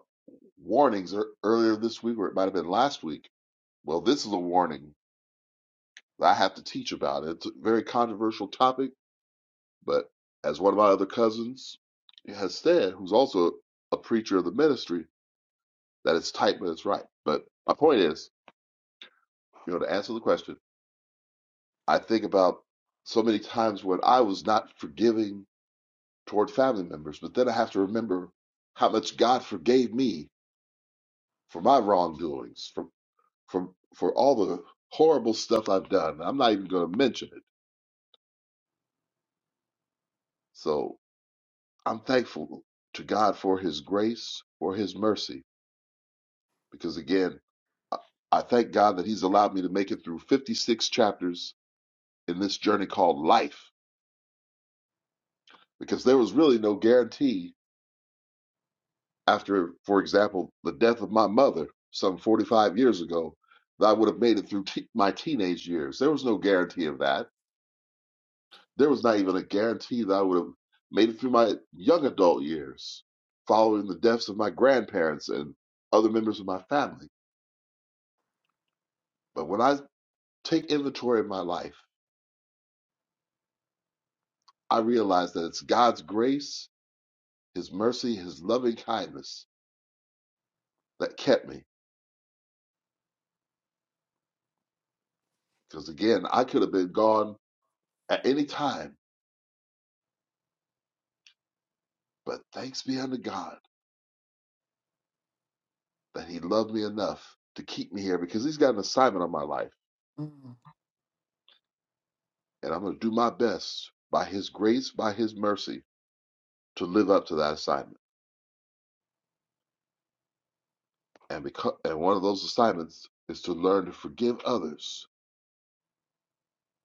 S7: warnings earlier this week, or it might have been last week. Well, this is a warning that I have to teach about. It's a very controversial topic, but as one of my other cousins has said, who's also a preacher of the ministry, that it's tight but it's right. But my point is, You know, to answer the question, I think about so many times when I was not forgiving toward family members, but then I have to remember how much God forgave me for my wrongdoings, for for for all the horrible stuff I've done. I'm not even going to mention it. So I'm thankful to God for His grace, for His mercy, because again, I thank God that He's allowed me to make it through 56 chapters in this journey called life, because there was really no guarantee after, for example, the death of my mother some 45 years ago, that I would have made it through te- my teenage years. There was no guarantee of that. There was not even a guarantee that I would have made it through my young adult years following the deaths of my grandparents and other members of my family. But when I take inventory of my life, I realize that it's God's grace, His mercy, His loving kindness that kept me. Because again, I could have been gone at any time, but thanks be unto God that he loved me enough to keep me here because he's got an assignment on my life.
S2: Mm.
S7: And I'm going to do my best by his grace, by his mercy, to live up to that assignment. And, because, and one of those assignments is to learn to forgive others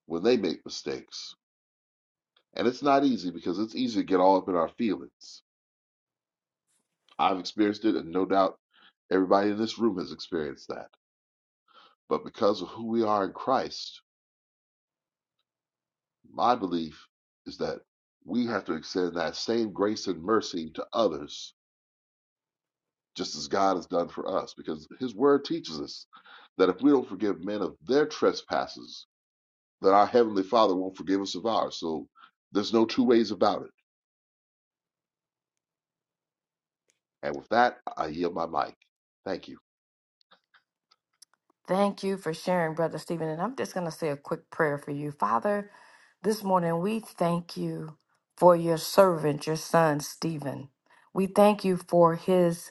S7: when they make mistakes. And it's not easy because it's easy to get all up in our feelings. I've experienced it, and no doubt everybody in this room has experienced that. But because of who we are in Christ, my belief is that we have to extend that same grace and mercy to others just as God has done for us, because His Word teaches us that if we don't forgive men of their trespasses, then our Heavenly Father won't forgive us of ours. So there's no two ways about it. And with that, I yield my mic. Thank you.
S2: Thank you for sharing, Brother Stephen. And I'm just going to say a quick prayer for you. Father, this morning we thank you for your servant, your son, Stephen. We thank you for his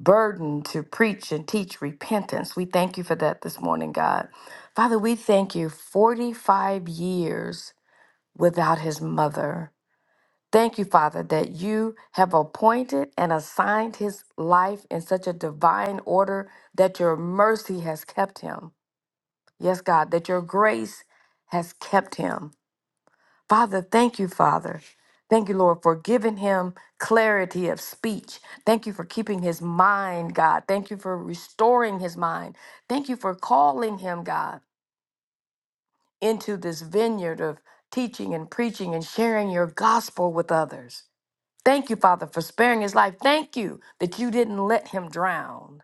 S2: burden to preach and teach repentance. We thank you for that this morning, God. Father, we thank you 45 years without his mother. Thank you, Father, that you have appointed and assigned his life in such a divine order that your mercy has kept him. Yes, God, that your grace has kept him. Father, thank you, Father. Thank you, Lord, for giving him clarity of speech. Thank you for keeping his mind, God. Thank you for restoring his mind. Thank you for calling him, God, into this vineyard of teaching and preaching and sharing your gospel with others. Thank you, Father, for sparing his life. Thank you that you didn't let him drown.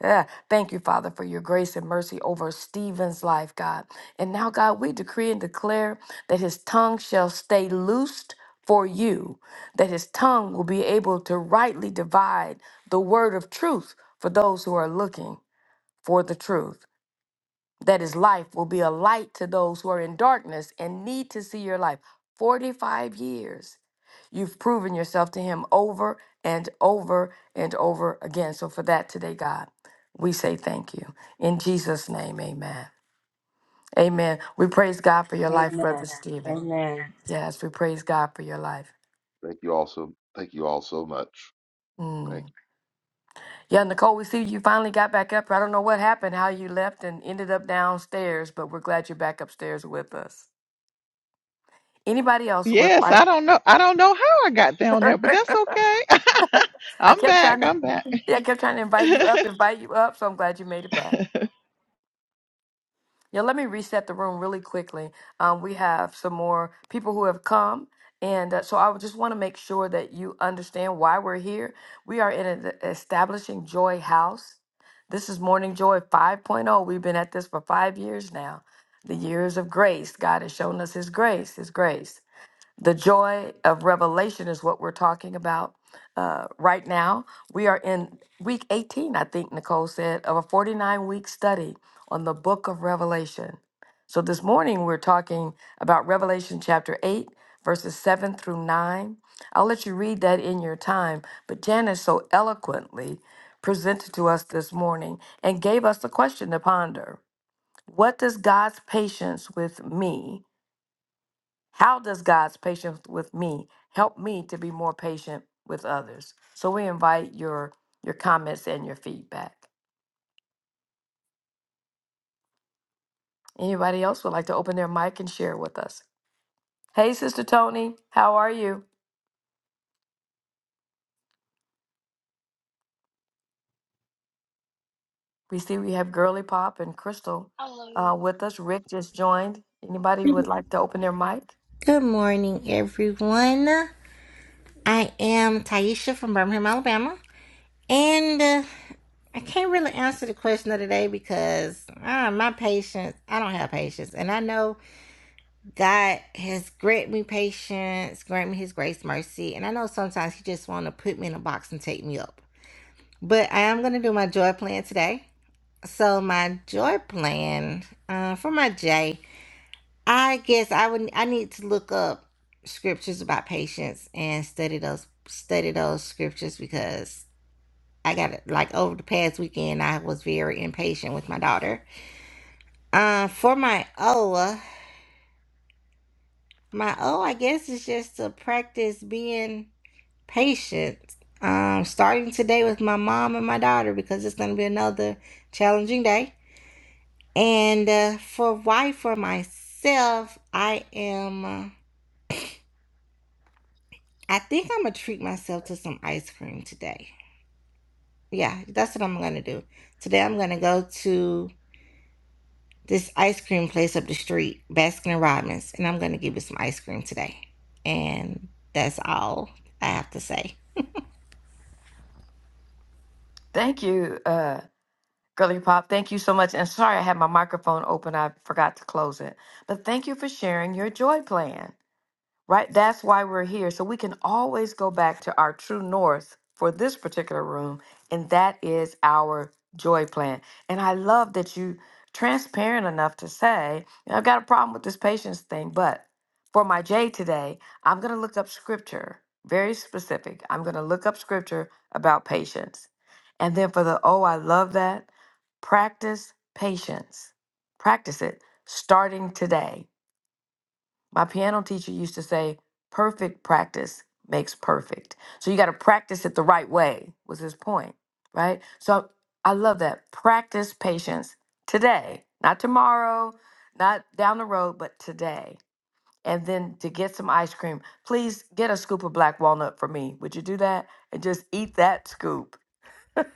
S2: Yeah. Thank you, Father, for your grace and mercy over Stephen's life, God. And now, God, we decree and declare that his tongue shall stay loosed for you, that his tongue will be able to rightly divide the word of truth for those who are looking for the truth that his life will be a light to those who are in darkness and need to see your life. 45 years. You've proven yourself to him over and over and over again. So, for that today, God, we say thank you. In Jesus' name, amen. Amen. We praise God for your life,
S6: Amen.
S2: Brother Stephen.
S6: Amen.
S2: Yes, we praise God for your life.
S7: Thank you all so. Thank you all so much. Thank
S2: Mm.
S7: you.
S2: Yeah, Nicole, we see you finally got back up. I don't know what happened, how you left and ended up downstairs, but we're glad you're back upstairs with us. Anybody else with
S1: Yes, I don't know. I don't know how I got down there, but that's
S2: I
S1: okay. I'm
S2: kept
S1: back.
S2: trying to,
S1: I'm back.
S2: yeah, I kept trying to invite you up, invite you up. So I'm glad you made it back. Yeah, let me reset the room really quickly. Um, we have some more people who have come, and uh, so I would just want to make sure that you understand why we're here. We are in an establishing joy house. This is Morning Joy 5.0. We've been at this for five years now. The years of grace. God has shown us His grace, His grace. The joy of revelation is what we're talking about uh, right now. We are in week 18, I think Nicole said, of a 49 week study on the book of Revelation. So this morning we're talking about Revelation chapter 8, verses 7 through 9. I'll let you read that in your time, but Janice so eloquently presented to us this morning and gave us the question to ponder What does God's patience with me? How does God's patience with me help me to be more patient with others? So we invite your your comments and your feedback. Anybody else would like to open their mic and share with us? Hey, Sister Tony, how are you? We see we have Girly Pop and Crystal
S8: Hello.
S2: uh, with us. Rick just joined. Anybody would like to open their mic?
S9: Good morning, everyone. I am Taisha from Birmingham, Alabama, and uh, I can't really answer the question of the day because uh, my patience, I don't have patience, and I know God has granted me patience, granted me His grace, mercy, and I know sometimes He just want to put me in a box and take me up. But I am gonna do my joy plan today. So my joy plan uh, for my J. I guess I would I need to look up scriptures about patience and study those study those scriptures because I got it like over the past weekend I was very impatient with my daughter. Uh for my O, my O I guess is just to practice being patient. Um starting today with my mom and my daughter because it's gonna be another challenging day. And uh, for why for myself I am Uh, I think I'm gonna treat myself to some ice cream today. Yeah, that's what I'm gonna do. Today I'm gonna go to this ice cream place up the street, Baskin and Robbins, and I'm gonna give it some ice cream today. And that's all I have to say.
S2: Thank you, uh, Girly Pop. Thank you so much. And sorry I had my microphone open. I forgot to close it. But thank you for sharing your joy plan. right? That's why we're here. So we can always go back to our true north for this particular room, and that is our joy plan. And I love that you transparent enough to say, "You know, I've got a problem with this patience thing, but for my J today, I'm going to look up scripture, very specific. I'm going to look up scripture about patience. And then for the oh, I love that, practice patience. Practice it starting today my piano teacher used to say, perfect practice makes perfect. So you got to practice it the right way, was his point, right? So I love that. Practice patience today, not tomorrow, not down the road, but today. And then to get some ice cream, please get a scoop of black walnut for me. Would you do that? And just eat that scoop.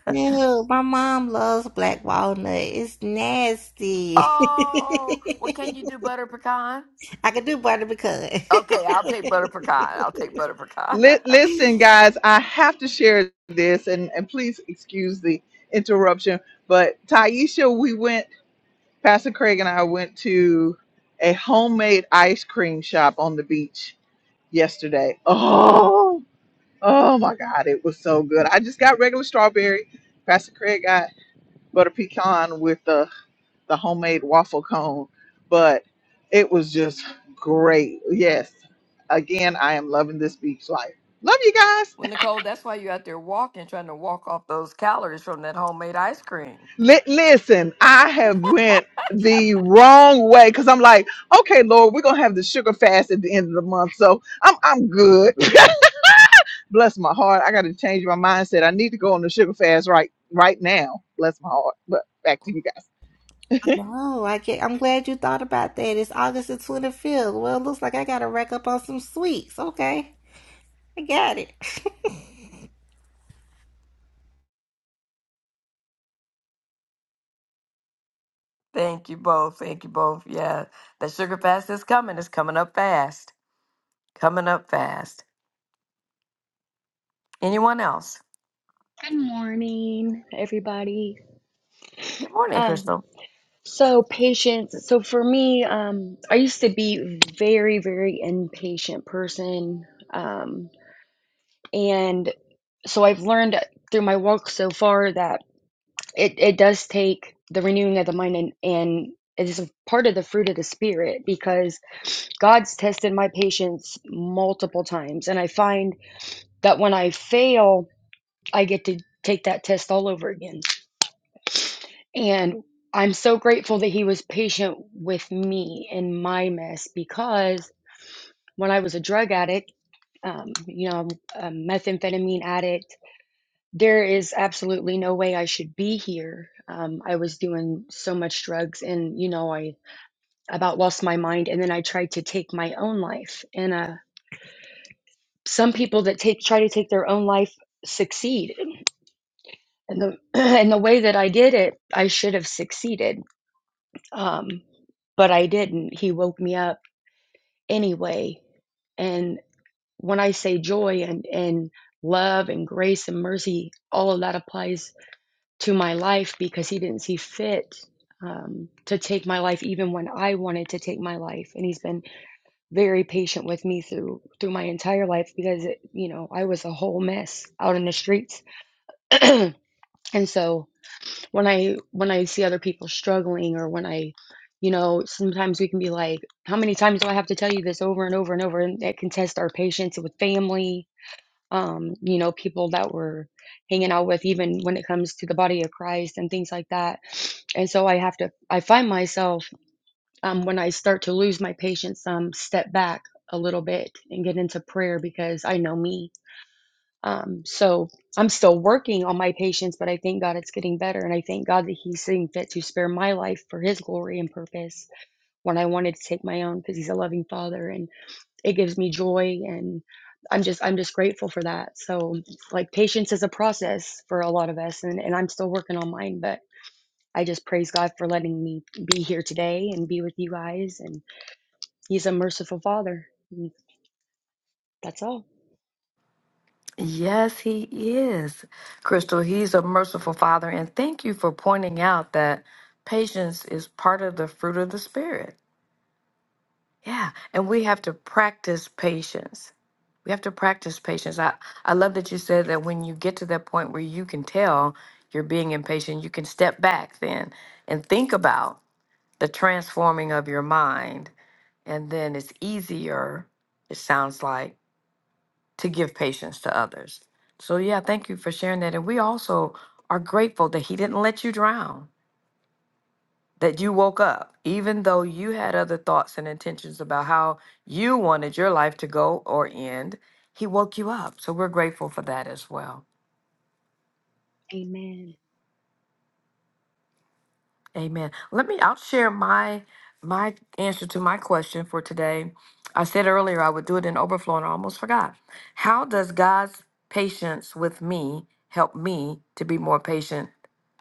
S9: Ew, my mom loves black walnut. It's nasty.
S2: Oh, well, can you do butter pecan?
S9: I could do butter pecan.
S2: Okay, I'll take butter pecan. I'll take butter pecan.
S1: Li- listen, guys, I have to share this, and, and please excuse the interruption. But Taisha, we went, Pastor Craig and I went to a homemade ice cream shop on the beach yesterday. Oh, oh my God, it was so good. I just got regular strawberry. Pastor Craig got butter pecan with the, the homemade waffle cone, but it was just great. Yes. Again, I am loving this beach life. Love you guys.
S2: Well, Nicole, that's why you're out there walking, trying to walk off those calories from that homemade ice cream.
S1: Li- listen, I have went the wrong way because I'm like, okay, Lord, we're gonna have the sugar fast at the end of the month, so I'm I'm good. Bless my heart. I got to change my mindset. I need to go on the sugar fast right right now. Bless my heart. But back to you guys.
S9: No, I can't. I'm glad you thought about that. It's August the 25th. Well, it looks like I gotta rack up on some sweets. Okay. I got it.
S2: Thank you both. Thank you both. Yeah, that sugar fast is coming. It's coming up fast. Coming up fast. Anyone else?
S8: Good morning, everybody.
S2: Good morning,
S8: Um,
S2: Crystal.
S8: so patience. So for me, um, I used to be very, very impatient person, um, and so I've learned through my walk so far that it it does take the renewing of the mind, and and it is a part of the fruit of the spirit because God's tested my patience multiple times, and I find that when I fail, I get to take that test all over again And I'm so grateful that he was patient with me in my mess because when I was a drug addict, um, you know, a methamphetamine addict, there is absolutely no way I should be here. Um, I was doing so much drugs and, you know, I about lost my mind. And then I tried to take my own life. And uh, some people that take try to take their own life succeed. And the, and the way that I did it, I should have succeeded Um, but I didn't. He woke me up anyway. And when I say joy and, and love and grace and mercy, all of that applies to my life because he didn't see fit um, to take my life even when I wanted to take my life. And he's been very patient with me through through my entire life because it, you know I was a whole mess out in the streets. and so when I when I see other people struggling or when I, you know, sometimes we can be like, how many times do I have to tell you this over and over and over? And that can test our patience with family, um, you know, people that we're hanging out with, even when it comes to the body of Christ and things like that. And so I have to I find myself um, when I start to lose my patience, um, step back a little bit and get into prayer because I know me um, so I'm still working on my patience, but I thank God it's getting better. And I thank God that He's seeing fit to spare my life for His glory and purpose when I wanted to take my own because He's a loving Father and it gives me joy. And I'm just, I'm just grateful for that. So, like, patience is a process for a lot of us, and, and I'm still working on mine, but I just praise God for letting me be here today and be with you guys. And He's a merciful Father. And that's all.
S2: Yes, he is. Crystal, he's a merciful father. And thank you for pointing out that patience is part of the fruit of the Spirit. Yeah, and we have to practice patience. We have to practice patience. I, I love that you said that when you get to that point where you can tell you're being impatient, you can step back then and think about the transforming of your mind. And then it's easier, it sounds like, to give patience to others. So, yeah, thank you for sharing that. And we also are grateful that He didn't let you drown that you woke up, even though you had other thoughts and intentions about how you wanted your life to go or end, he woke you up. So we're grateful for that as well.
S8: Amen.
S2: Amen. Let me I'll share my my answer to my question for today. I said earlier I would do it in overflow and I almost forgot. How does God's patience with me help me to be more patient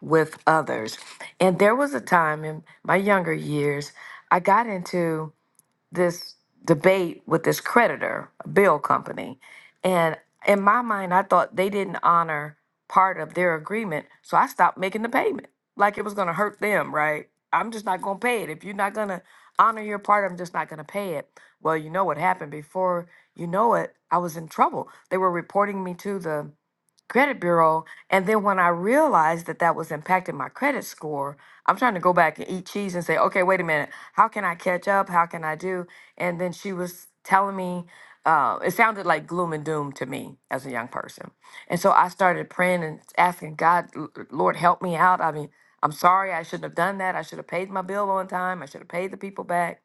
S2: with others? And there was a time in my younger years I got into this debate with this creditor, a bill company. And in my mind, I thought they didn't honor part of their agreement. So I stopped making the payment. Like it was going to hurt them, right? I'm just not going to pay it. If you're not going to honor your part, I'm just not going to pay it. Well, you know what happened before you know it, I was in trouble. They were reporting me to the credit bureau. And then when I realized that that was impacting my credit score, I'm trying to go back and eat cheese and say, okay, wait a minute, how can I catch up? How can I do? And then she was telling me, uh, it sounded like gloom and doom to me as a young person. And so I started praying and asking God, "L- Lord, help me out. I mean, I'm sorry, I shouldn't have done that. I should have paid my bill on time. I should have paid the people back.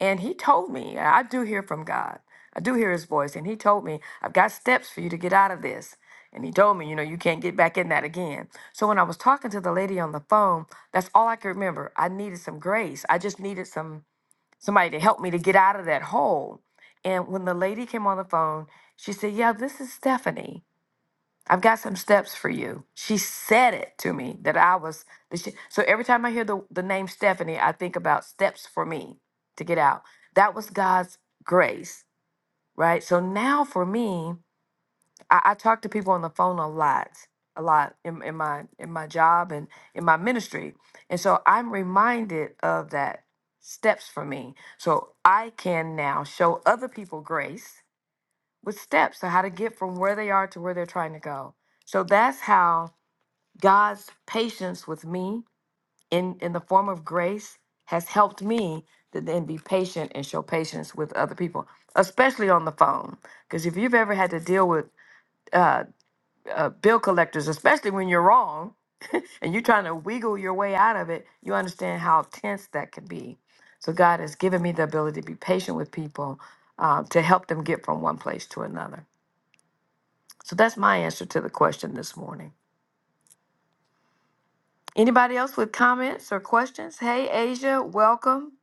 S2: And he told me, and I do hear from God. I do hear his voice. And he told me, I've got steps for you to get out of this. And he told me, you know, you can't get back in that again. So when I was talking to the lady on the phone, that's all I could remember. I needed some grace. I just needed some somebody to help me to get out of that hole. And when the lady came on the phone, she said, Yeah, this is Stephanie. I've got some steps for you. She said it to me that I was that she, so every time I hear the, the name Stephanie, I think about steps for me to get out. That was God's grace, right? So now for me, I, I talk to people on the phone a lot, a lot in, in my in my job and in my ministry. And so I'm reminded of that steps for me. So I can now show other people grace with steps on how to get from where they are to where they're trying to go. So that's how God's patience with me in, in the form of grace has helped me to then be patient and show patience with other people, especially on the phone. Because if you've ever had to deal with uh, uh, bill collectors, especially when you're wrong and you're trying to wiggle your way out of it, you understand how tense that can be. So God has given me the ability to be patient with people uh, to help them get from one place to another. So that's my answer to the question this morning. Anybody else with comments or questions? Hey, Asia, welcome.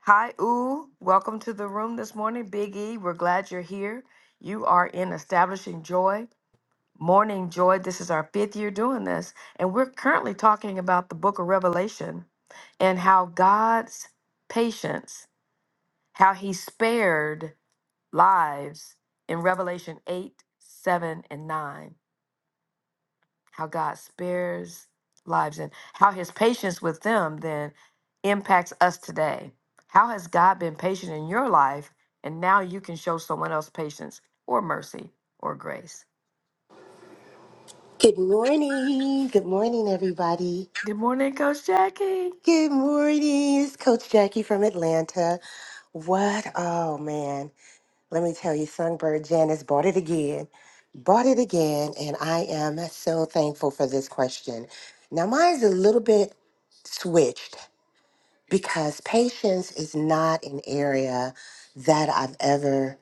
S2: Hi, Ooh, welcome to the room this morning. Big E, we're glad you're here. You are in Establishing Joy, Morning Joy. This is our fifth year doing this, and we're currently talking about the book of Revelation and how God's patience, how he spared lives in Revelation 8, 7, and 9 how God spares lives and how his patience with them then impacts us today. How has God been patient in your life and now you can show someone else patience or mercy or grace?
S10: Good morning. Good morning, everybody.
S2: Good morning, Coach Jackie.
S10: Good morning. It's Coach Jackie from Atlanta. What? Oh, man. Let me tell you, Songbird Janice bought it again. Bought it again. And I am so thankful for this question. Now, mine's a little bit switched because patience is not an area that I've ever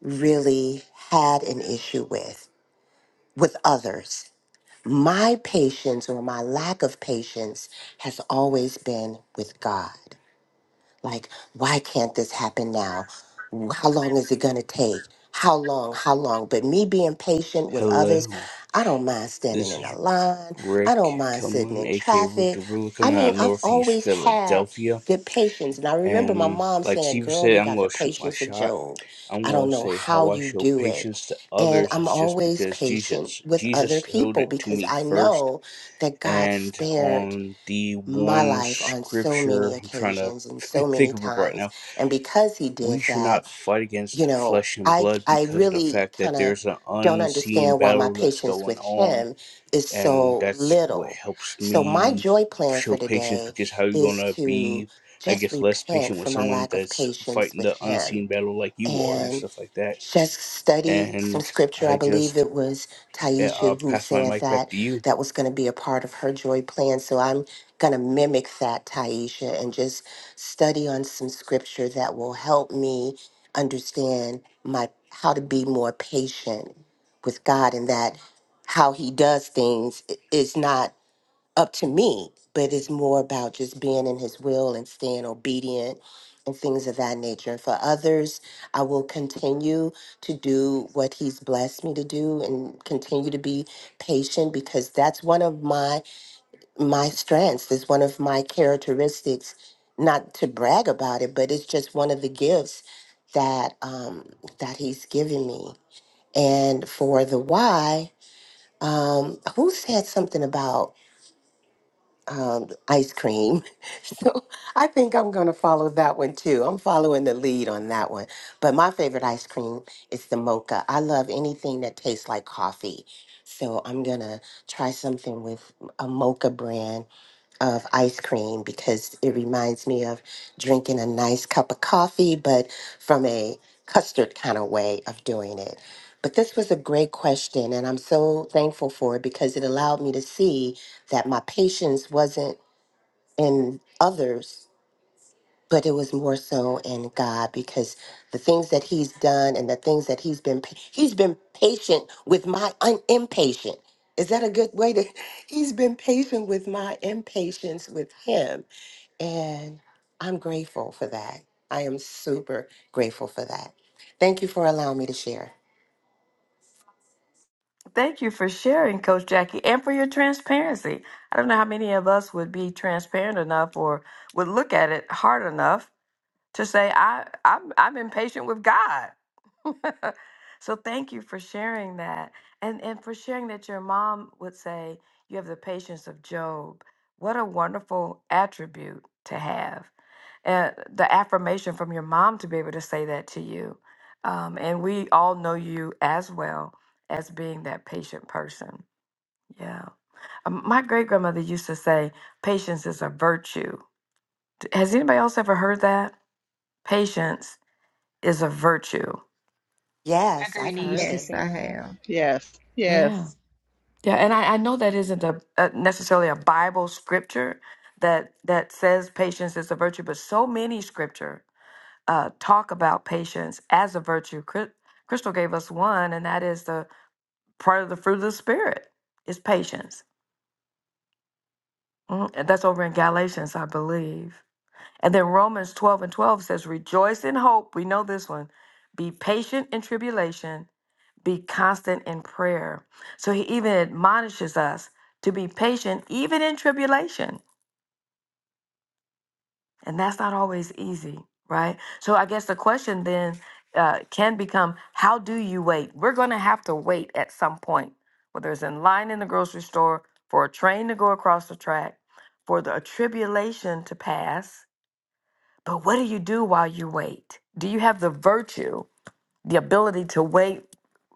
S10: really had an issue with, with others. My patience or my lack of patience has always been with God. Like, why can't this happen now? How long is it going to take? How long? How long? But me being patient with others,
S11: Hello,
S10: I don't mind standing
S11: this
S10: in a
S11: is
S10: line. I don't
S11: Rick
S10: mind sitting
S11: Kelman,
S10: in
S11: aka Rick
S10: traffic.
S11: the Ruler,
S10: I
S11: coming out
S10: mean,
S11: of
S10: I've
S11: Northeast
S10: always had
S11: Philadelphia.
S10: good patience. And I remember my
S11: And
S10: mom
S11: like
S10: saying,
S11: Steve
S10: Girl,
S11: said,
S10: you
S11: I'm
S10: got the
S11: going to shoot my
S10: patience of
S11: shot.
S10: Job.
S11: I'm
S10: I
S11: going
S10: don't
S11: to
S10: know
S11: say how
S10: how
S11: I
S10: you
S11: show
S10: do it.
S11: patience to
S10: And
S11: others
S10: I'm
S11: is just
S10: always
S11: because
S10: patient
S11: Jesus
S10: with
S11: Jesus
S10: other
S11: showed
S10: people
S11: it to
S10: because
S11: me
S10: I
S11: first.
S10: know that God
S11: And
S10: spared
S11: on the
S10: my
S11: one
S10: life on so many
S11: scripture I'm trying to
S10: occasions and so many
S11: think of it right
S10: times
S11: now,
S10: and because he did
S11: we should
S10: that
S11: not fight
S10: you
S11: against
S10: know
S11: flesh and
S10: i
S11: blood
S10: i
S11: because of the
S10: really
S11: fact
S10: kind
S11: that
S10: of
S11: there's an
S10: don't
S11: unseen
S10: understand why my
S11: battle that's
S10: patience
S11: going
S10: with
S11: on
S10: him is
S11: and
S10: so
S11: that's what
S10: little
S11: helps
S10: so my
S11: me
S10: joy plan
S11: show
S10: for
S11: patience
S10: today
S11: because how you
S10: is
S11: gonna
S10: to
S11: be i
S10: just
S11: guess less
S10: repent
S11: patient with
S10: for my
S11: someone
S10: lack of
S11: that's
S10: patience
S11: fighting
S10: with
S11: the
S10: him
S11: unseen battle like you are and
S10: and
S11: stuff like that
S10: just study some
S11: and
S10: scripture. I
S11: i
S10: believe
S11: just
S10: it was
S11: yeah,
S10: Taisha
S11: i'll
S10: who
S11: pass my
S10: said
S11: mic back
S10: that
S11: to you
S10: that was going to be a part of her joy plan. So I'm going to mimic that, Taisha, and just study on some scripture that will help me understand my how to be more patient with God and that how he does things i- is not up to me, but it's more about just being in his will and staying obedient and things of that nature. And for others, I will continue to do what he's blessed me to do and continue to be patient because that's one of my my strengths. It's one of my characteristics, not to brag about it, but it's just one of the gifts that um that he's given me. And for the why, um who said something about um, ice cream. So I think I'm going to follow that one too. I'm following the lead on that one. But my favorite ice cream is the mocha. I love anything that tastes like coffee. So I'm going to try something with a mocha brand of ice cream because it reminds me of drinking a nice cup of coffee, but from a custard kind of way of doing it. But this was a great question, and I'm so thankful for it because it allowed me to see that my patience wasn't in others but it was more so in God because the things that He's done and the things that He's been pa- He's been patient with my un- impatient. Is that a good way to? He's been patient with my impatience with Him, and I'm grateful for that. I am super grateful for that. Thank you for allowing me to share.
S2: Thank you for sharing, Coach Jackie, and for your transparency. I don't know how many of us would be transparent enough or would look at it hard enough to say, I, I'm, I'm impatient with God. so thank you for sharing that and and for sharing that your mom would say you have the patience of job what a wonderful attribute to have and the affirmation from your mom to be able to say that to you um, and we all know you as well as being that patient person yeah Um, my great grandmother used to say patience is a virtue has anybody else ever heard that patience is a virtue
S8: My
S10: Yes, I've
S8: granny used
S10: heard
S8: to
S9: Yes,
S10: it.
S8: say
S9: I
S8: that.
S9: have.
S1: Yes,
S2: Yeah.
S1: yes.
S2: Yeah, and I, I know that isn't a, a necessarily a Bible scripture that that says patience is a virtue, but so many scripture uh, talk about patience as a virtue. Chris, Crystal gave us one, and that is the part of the fruit of the spirit is patience. Mhm. And that's over in Galatians, I believe. And then Romans twelve and twelve says, "Rejoice in hope." We know this one. Be patient in tribulation be constant in prayer. So he even admonishes us to be patient, even in tribulation. And that's not always easy, right? So I guess the question then uh, can become how do you wait? We're going to have to wait at some point, whether it's in line in the grocery store, for a train to go across the track, for the tribulation to pass. But what do you do while you wait? Do you have the virtue, the ability to wait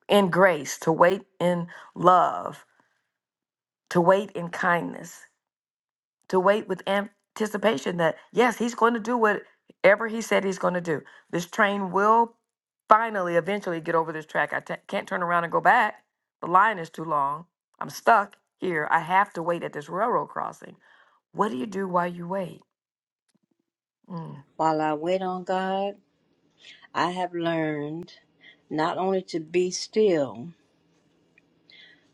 S2: in grace, to wait in love? to wait in kindness, to wait with anticipation that, yes, he's going to do whatever he said he's going to do. This train will finally, eventually get over this track. I t- can't turn around and go back. The line is too long. I'm stuck here. I have to wait at this railroad crossing. What do you do while you wait? Mm.
S6: While I wait on God, I have learned not only to be still,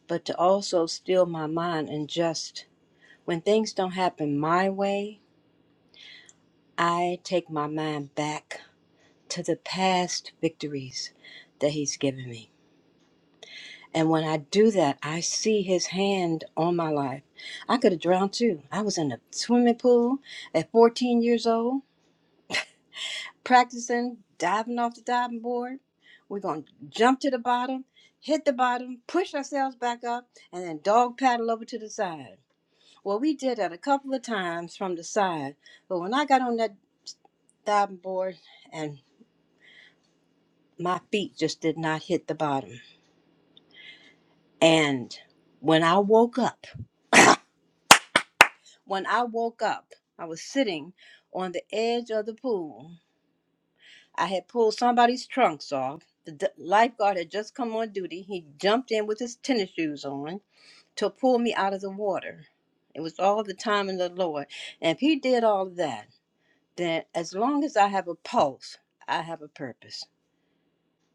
S6: but to also still my mind and just when things don't happen my way, I take my mind back to the past victories that He's given me. And when I do that, I see his hand on my life. I could have drowned too. I was in a swimming pool at 14 years old, practicing diving off the diving board. We're going to jump to the bottom, hit the bottom, push ourselves back up, and then dog paddle over to the side. Well, we did that a couple of times from the side, but when I got on that diving board and my feet just did not hit the bottom. And when I woke up, When I woke up, I was sitting on the edge of the pool. I had pulled somebody's trunks off. The d- lifeguard had just come on duty. He jumped in with his tennis shoes on to pull me out of the water. It was all the time in the Lord. And if he did all of that, then as long as I have a pulse, I have a purpose.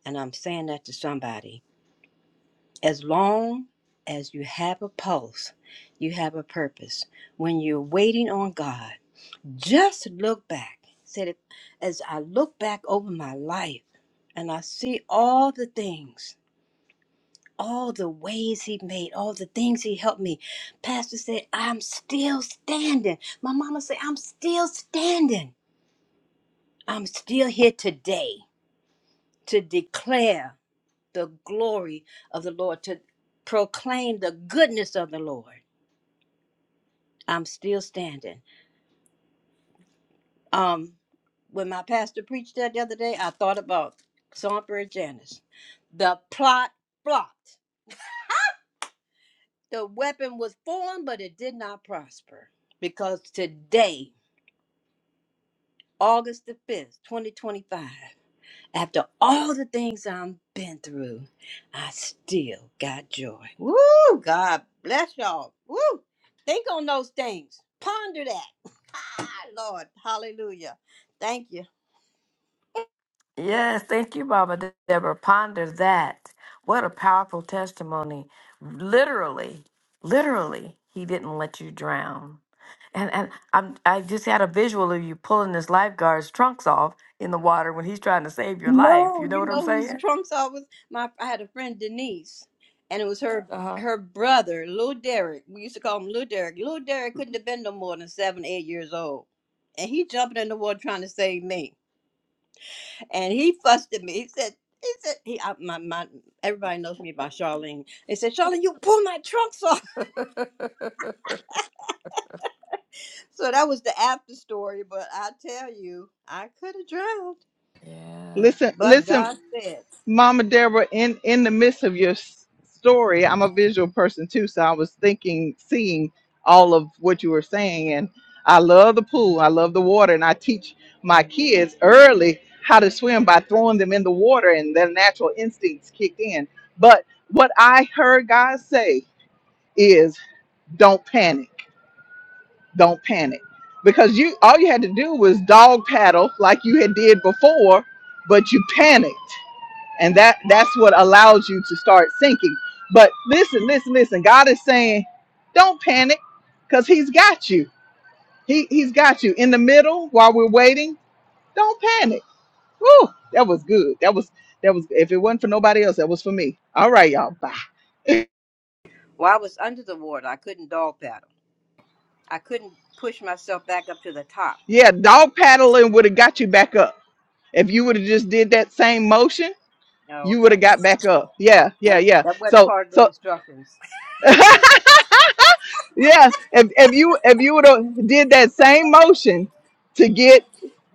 S6: And I'm saying that to somebody. As long as you have a pulse, you have a purpose. When you're waiting on God, Just look back. Said it as I look back over my life and I see all the things, all the ways he made, all the things he helped me. Pastor said, I'm still standing. My mama said, I'm still standing. I'm still here today to declare the glory of the Lord, to proclaim the goodness of the Lord. I'm still standing. Um, when my pastor preached that the other day, I thought about Songbird Janice. The plot flopped. The weapon was formed, but it did not prosper. Because today, August the 5th, 2025, after all the things I've been through, I still got joy. Woo! God bless y'all. Woo! Think on those things. Ponder that. Lord, hallelujah. Thank you.
S2: Yes, thank you, Baba De- Deborah. Ponder that. What a powerful testimony. Literally, literally, he didn't let you drown. And and I'm I just had a visual of you pulling this lifeguard's trunks off in the water when he's trying to save your life.
S6: No,
S2: You know
S6: you
S2: what I'm
S6: know whose
S2: saying?
S6: trunks I was. My I had a friend Denise, and it was her
S2: Uh
S6: her brother, Lil Derek. We used to call him Lil Derek. Lil Derek couldn't have been no more than seven, eight years old, and he jumping in the water trying to save me, and he fussed at me. He said. He said, he, I, my, my, everybody knows me by Charlene. They said, Charlene, you pull my trunks off.
S2: huh.
S6: So that was the after story. But I tell you, I could have drowned.
S2: yeah.
S1: Listen,
S2: Yeah.
S6: But
S1: listen.
S6: God said,
S1: Mama Deborah, in in the midst of your s- story, I'm a visual person too, so I was thinking, seeing all of what you were saying, and I love the pool, I love the water, and I teach my kids early how to swim by throwing them in the water, and their natural instincts kicked in. But what I heard God say is, "Don't panic, don't panic," because you all you had to do was dog paddle like you had did before, but you panicked and that that's what allows you to start sinking but listen listen listen god is saying don't panic because he's got you he he's got you in the middle while we're waiting don't panic Woo, that was good that was that was if it wasn't for nobody else that was for me all right y'all bye
S6: well, I was under the water. I couldn't dog paddle. I couldn't push myself back up to the top.
S1: yeah dog paddling would have got you back up if you would have just did that same motion
S6: Oh,
S1: you would
S6: okay.
S1: have got back up yeah yeah
S6: That
S1: yeah
S6: that wasn't
S1: so
S6: part of the
S1: so
S6: instructions.
S1: Yeah, if if you if you would have did that same motion to get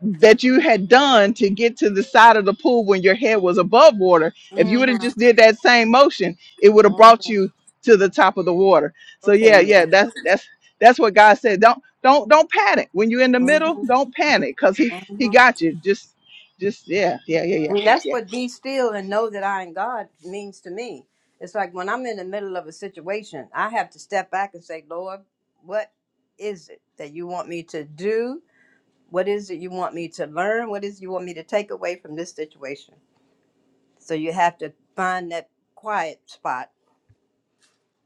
S1: that you had done to get to the side of the pool when your head was above water, if you would have
S6: Mm-hmm.
S1: just did that same motion, it would have brought
S6: Mm-hmm.
S1: you to the top of the water. So yeah,
S6: Okay, yeah.
S1: yeah, that's that's that's what God said. Don't don't don't panic when you're in the middle.
S6: Mm-hmm.
S1: Don't panic because he he
S6: Mm-hmm.
S1: got you. Just just yeah yeah yeah yeah
S6: Well, That's
S1: yeah.
S6: what be still and know that I am God means to me. It's like when I'm in the middle of a situation, I have to step back and say, Lord, what is it that you want me to do? What is it you want me to learn? What is it you want me to take away from this situation? So you have to find that quiet spot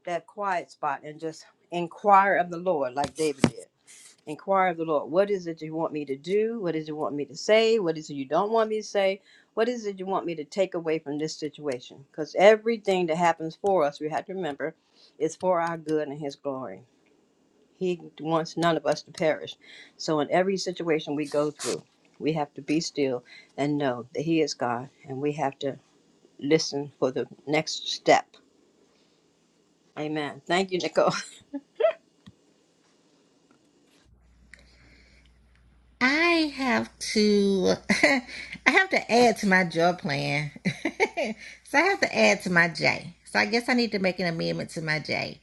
S6: that quiet spot and just inquire of the Lord, like David did. Inquire of the Lord. What is it you want me to do? What is it you want me to say? What is it you don't want me to say? What is it you want me to take away from this situation? Because everything that happens for us, we have to remember, is for our good and His glory. He wants none of us to perish. So, in every situation we go through, we have to be still and know that He is God, and we have to listen for the next step. Amen. Thank you, Nicole.
S9: I have to I have to add to my job plan. so I have to add to my J. So I guess I need to make an amendment to my J.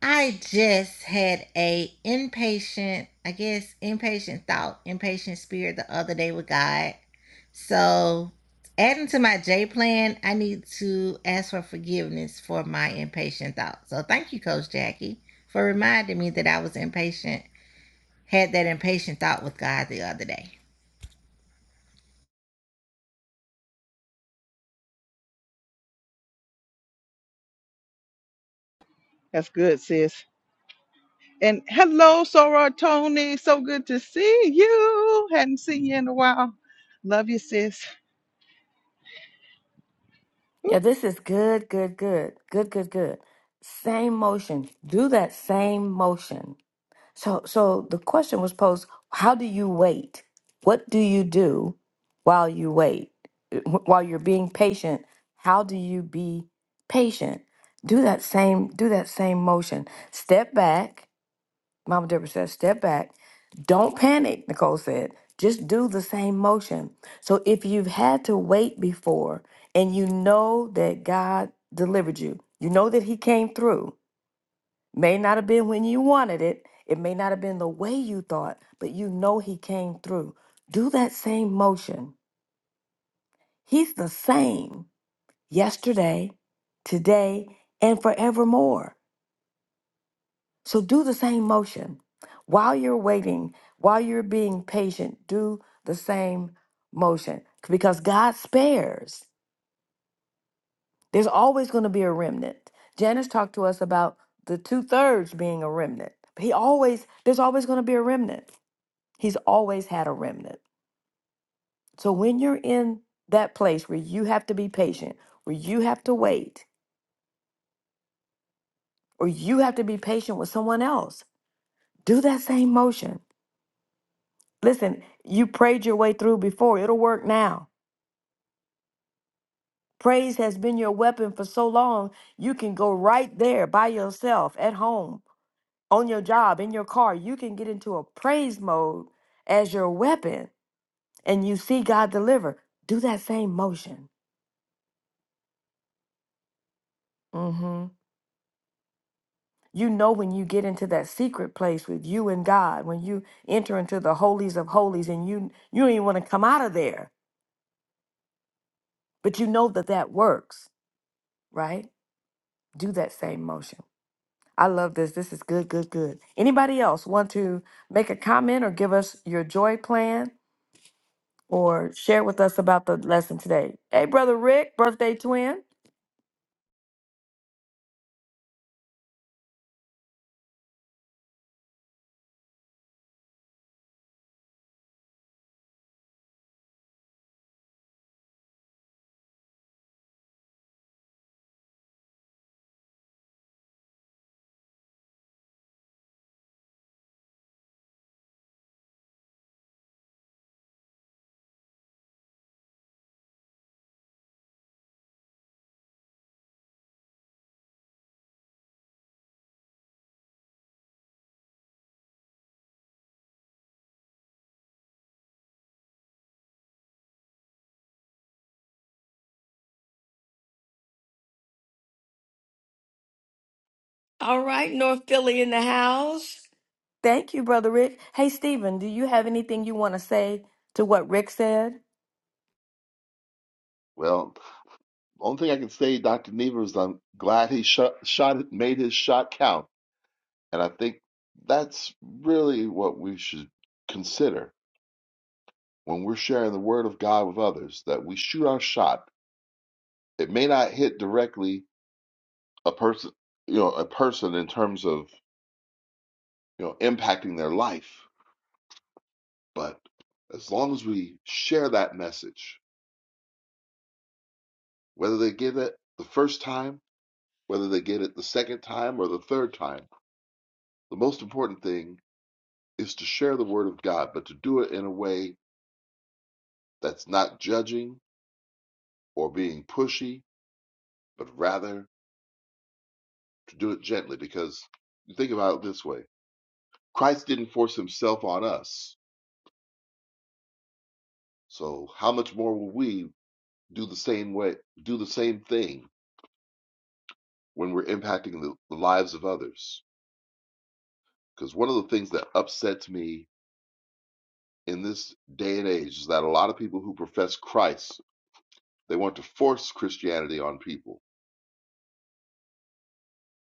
S9: I just had a impatient, I guess, impatient thought, impatient spirit the other day with God. So, adding to my J plan, I need to ask for forgiveness for my impatient thought. So, thank you, Coach Jackie, for reminding me that I was impatient, had that impatient thought with God the other day.
S1: That's good, sis. And hello, Sora Tony. So good to see you. Hadn't seen you in a while. Love you, sis.
S2: Yeah, this is good, good, good, good, good, good. Same motion. Do that same motion. So, so the question was posed: How do you wait? What do you do while you wait? Wh- While you're being patient, how do you be patient? Do that same, do that same motion. Step back, Mama Deborah says. Step back. Don't panic, Nicole said. Just do the same motion. So if you've had to wait before and you know that God delivered you, you know that He came through, May not have been when you wanted it. It may not have been the way you thought, but you know he came through. Do that same motion. He's the same yesterday, today, and forevermore. So do the same motion. While you're waiting, while you're being patient, do the same motion because God spares. There's always going to be a remnant. Janice talked to us about the two thirds being a remnant. He always, there's always going to be a remnant. He's always had a remnant. So when you're in that place where you have to be patient, where you have to wait, or you have to be patient with someone else, do that same motion. Listen, you prayed your way through before, it'll work now. Praise has been your weapon for so long, you can go right there by yourself at home, on your job, in your car. You can get into a praise mode as your weapon and you see God deliver. Do that same motion. Mm-hmm. You know when you get into that secret place with you and God, when you enter into the holies of holies and you you don't even want to come out of there, but you know that that works, right? Do that same motion. I love this. This is good, good, good. Anybody else want to make a comment or give us your joy plan or share with us about the lesson today? Hey, brother Rick, birthday twin. All right, North Philly in the house. Thank you, brother Rick. Hey, Stephen, do you have anything you want to say to what Rick said?
S7: Well, only thing I can say, Dr. Niever, is I'm glad he shot, shot it, made his shot count. And I think that's really what we should consider when we're sharing the word of God with others, that we shoot our shot It may not hit directly a person, you know, a person in terms of, you know, impacting their life, but as long as we share that message, whether they get it the first time, whether they get it the second time or the third time, the most important thing is to share the word of God, but to do it in a way that's not judging or being pushy, but rather to do it gently because you think about it this way. Christ didn't force himself on us. So how much more will we do the same way, do the same thing when we're impacting the, the lives of others. Because one of the things that upsets me in this day and age is that a lot of people who profess Christ, they want to force Christianity on people.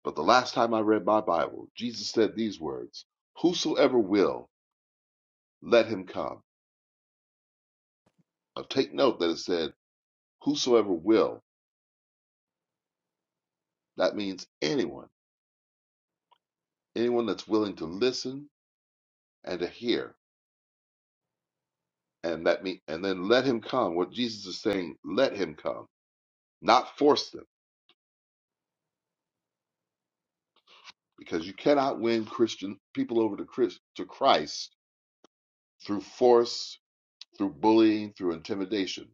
S7: But the last time I read my Bible, Jesus said these words, Whosoever will, let him come. Now take note that it said, Whosoever will, that means anyone, anyone that's willing to listen and to hear. And that mean, and then let him come. What Jesus is saying, let him come not force them, because you cannot win Christian people over to Chris, to Christ through force, through bullying, through intimidation,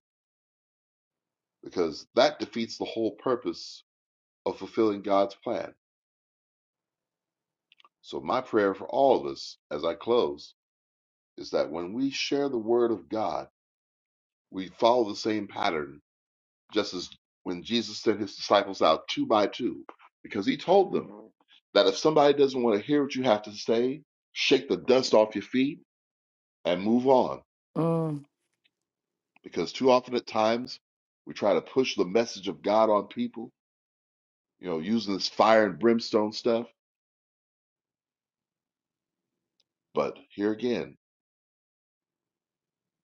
S7: because that defeats the whole purpose of fulfilling God's plan. So my prayer for all of us as I close is that when we share the word of God, we follow the same pattern, just as when Jesus sent his disciples out two by two, because he told them that if somebody doesn't want to hear what you have to say, shake the dust off your feet and move on
S2: Mm,
S7: because too often at times we try to push the message of God on people, you know, using this fire and brimstone stuff. But here again,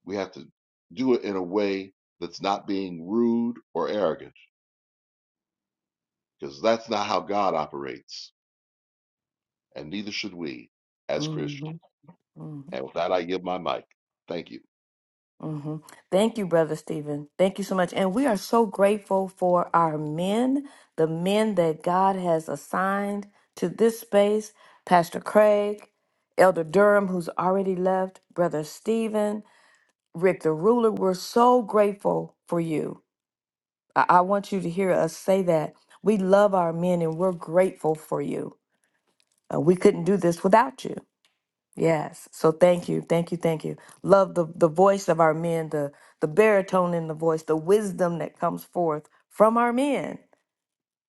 S7: we have to do it in a way that's not being rude or arrogant, because that's not how God operates, and neither should we as Christians.
S2: mhm, mhm,
S7: And with that, I give my mic. Thank you.
S2: mhm. Thank you, Brother Stephen. Thank you so much. And we are so grateful for our men, the men that God has assigned to this space Pastor Craig, Elder Durham, who's already left, Brother Stephen, Rick the Ruler. We're so grateful for you. I, I want you to hear us say that. We love our men and we're grateful for you. Uh, we couldn't do this without you. Yes. So thank you, thank you, thank you. Love the the voice of our men, the the baritone in the voice, the wisdom that comes forth from our men.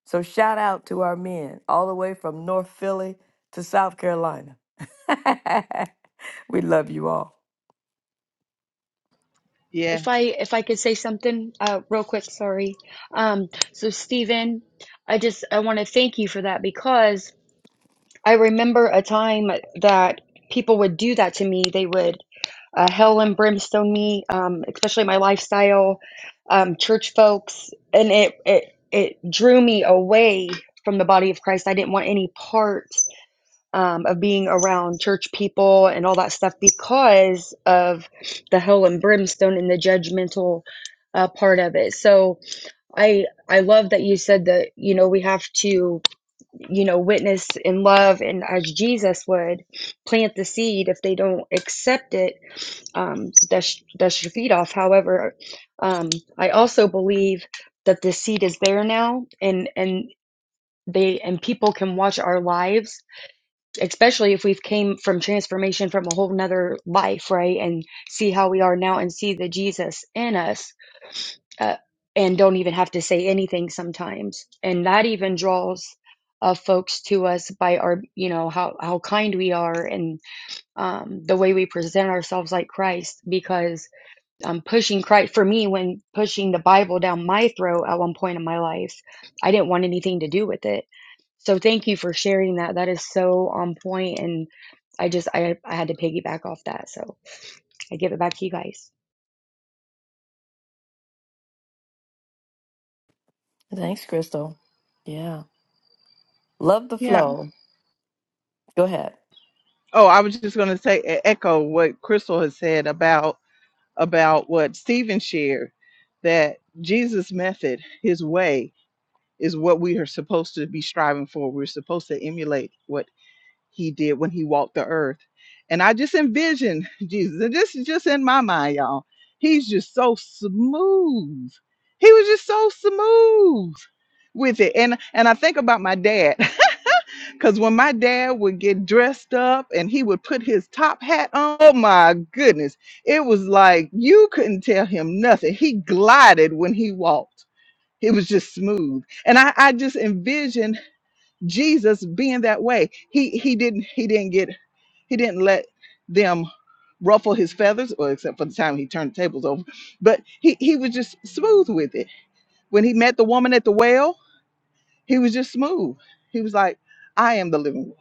S2: So shout out to our men, all the way from North Philly to South Carolina. we love you all.
S8: If
S1: Yes.
S8: I if I could say something uh, real quick, sorry. Um, so Stephen, I just I want to thank you for that because I remember a time that people would do that to me. They would uh, hell and brimstone me, um, especially my lifestyle, um, church folks, and it it it drew me away from the body of Christ. I didn't want any part um, of being around church people and all that stuff because of the hell and brimstone and the judgmental uh, part of it. So I I love that you said that you know we have to you know witness in love and as Jesus would plant the seed if they don't accept it um, dust dust your feet off. However, um, I also believe that the seed is there now and and they and people can watch our lives especially if we've came from transformation from a whole nother life right and see how we are now and see the jesus in us uh, and don't even have to say anything sometimes and that even draws uh, folks to us by our you know how how kind we are and um, the way we present ourselves like christ because um, pushing christ for me when pushing the bible down my throat at one point in my life i didn't want anything to do with it so thank you for sharing that. That is so on point, and I just I I had to piggyback off that. So I give it back to you guys.
S2: Thanks, Crystal. Yeah. Love the
S1: Yeah.
S2: flow. Go ahead.
S1: Oh, I was just gonna say e- echo what Crystal has said about about what Stephen shared, that Jesus' method, his way, is what we are supposed to be striving for. We're supposed to emulate what he did when he walked the earth. And I just envision Jesus, and this is just in my mind, y'all. He's just so smooth. He was just so smooth with it. And and I think about my dad. Cause when my dad would get dressed up and he would put his top hat on, oh my goodness. It was like you couldn't tell him nothing. He glided when he walked. It was just smooth. And I, I just envisioned Jesus being that way. He he didn't he didn't get he didn't let them ruffle his feathers, or except for the time he turned the tables over. But he, he was just smooth with it. When he met the woman at the well, he was just smooth. He was like, I am the living water.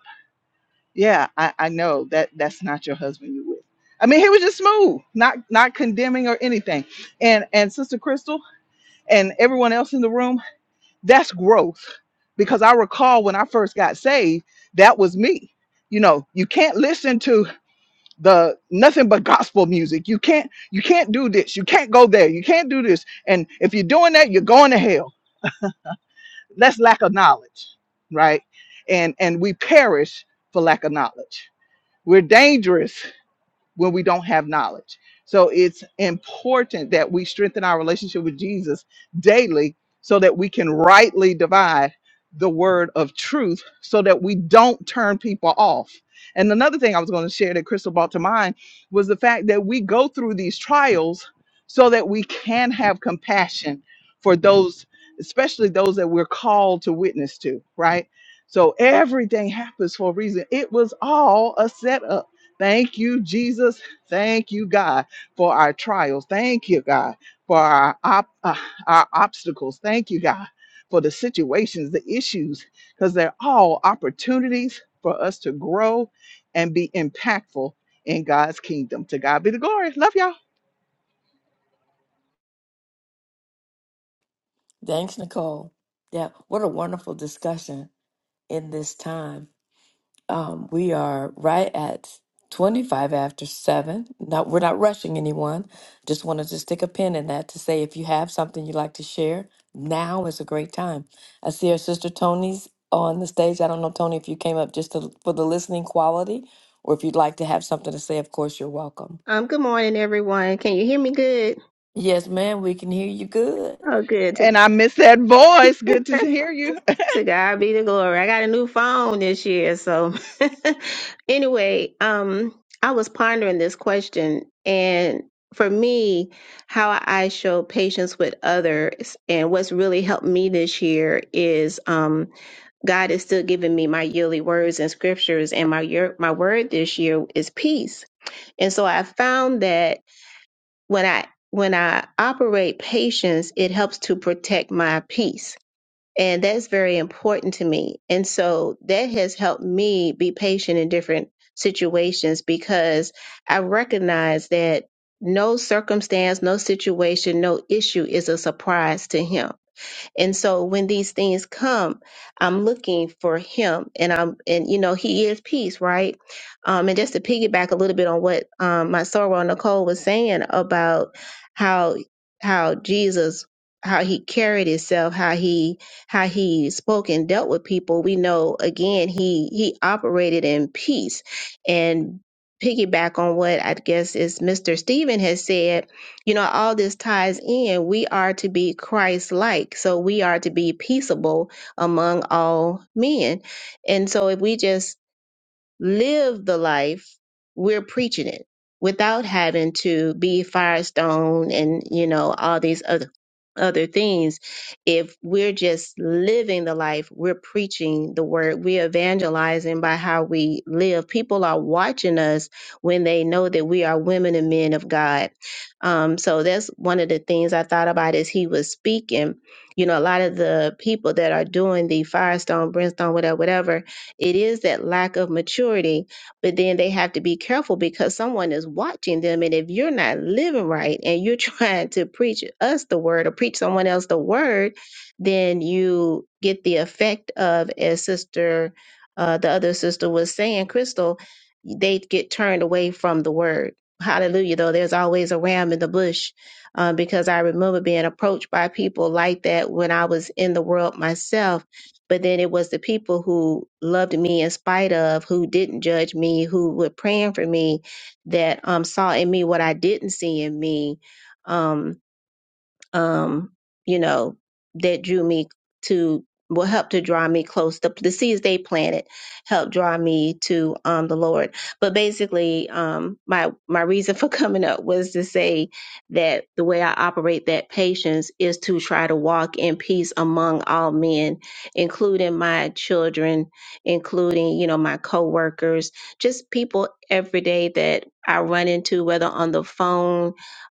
S1: Yeah, I, I know that that's not your husband you with. I mean, he was just smooth, not not condemning or anything. And and Sister Crystal and everyone else in the room, that's growth. Because I recall when I first got saved, that was me. You know, you can't listen to the nothing but gospel music. You can't you can't do this. You can't go there. You can't do this. And if you're doing that, you're going to hell. That's lack of knowledge, right? And and we perish for lack of knowledge. We're dangerous when we don't have knowledge. So it's important that we strengthen our relationship with Jesus daily so that we can rightly divide the word of truth so that we don't turn people off. And another thing I was going to share that Crystal brought to mind was the fact that we go through these trials so that we can have compassion for those, especially those that we're called to witness to, right? So everything happens for a reason. It was all a setup Thank you, Jesus. Thank you, God, for our trials. Thank you, God, for our, op- uh, our obstacles. Thank you, God, for the situations, the issues, because they're all opportunities for us to grow and be impactful in God's kingdom. To God be the glory. Love y'all.
S2: Thanks, Nicole. Yeah. What a wonderful discussion in this time. Um, we are right at 25 after 7. Not, we're not rushing anyone. Just wanted to stick a pin in that to say if you have something you'd like to share, now is a great time. I see our sister Tony's on the stage. I don't know, Tony, if you came up just to, for the listening quality or if you'd like to have something to say, of course, you're welcome.
S12: Um, good morning, everyone. Can you hear me good?
S2: Yes, ma'am, we can hear you good.
S12: Oh, good. To,
S1: And I miss that voice. Good to hear you.
S12: to God be the glory. I got a new phone this year. So, anyway, um, I was pondering this question, and for me, how I show patience with others, and what's really helped me this year is um, God is still giving me my yearly words and scriptures, and my year, my word this year is peace. And so I found that when I when I operate patience, it helps to protect my peace. And that's very important to me. And so that has helped me be patient in different situations because I recognize that no circumstance, no situation, no issue is a surprise to him and so when these things come, I'm looking for him and I'm and you know, he is peace, right? Um and just to piggyback a little bit on what um my sorrow Nicole was saying about how how Jesus how he carried himself, how he how he spoke and dealt with people, we know again he he operated in peace and piggyback on what I guess is Mr. Stephen has said you know, all this ties in. We are to be Christ like. So we are to be peaceable among all men. And so if we just live the life we're preaching it without having to be firestone and you know all these other other things if we're just living the life we're preaching the word we're evangelizing by how we live people are watching us when they know that we are women and men of god um, so that's one of the things i thought about as he was speaking you know a lot of the people that are doing the firestone brimstone whatever whatever it is that lack of maturity, but then they have to be careful because someone is watching them. And if you're not living right and you're trying to preach us the word or preach someone else the word, then you get the effect of, as Sister, uh, the other sister was saying, Crystal, they get turned away from the word. Hallelujah, though, there's always a ram in the bush uh, because I remember being approached by people like that when I was in the world myself but then it was the people who loved me in spite of who didn't judge me who were praying for me that um saw in me what i didn't see in me Um, um, you know, that drew me to will help to draw me close. The, the seeds they planted helped draw me to um, the Lord. But basically, um, my my reason for coming up was to say that the way I operate that patience is to try to walk in peace among all men, including my children, including you know my coworkers, just people every day that I run into, whether on the phone.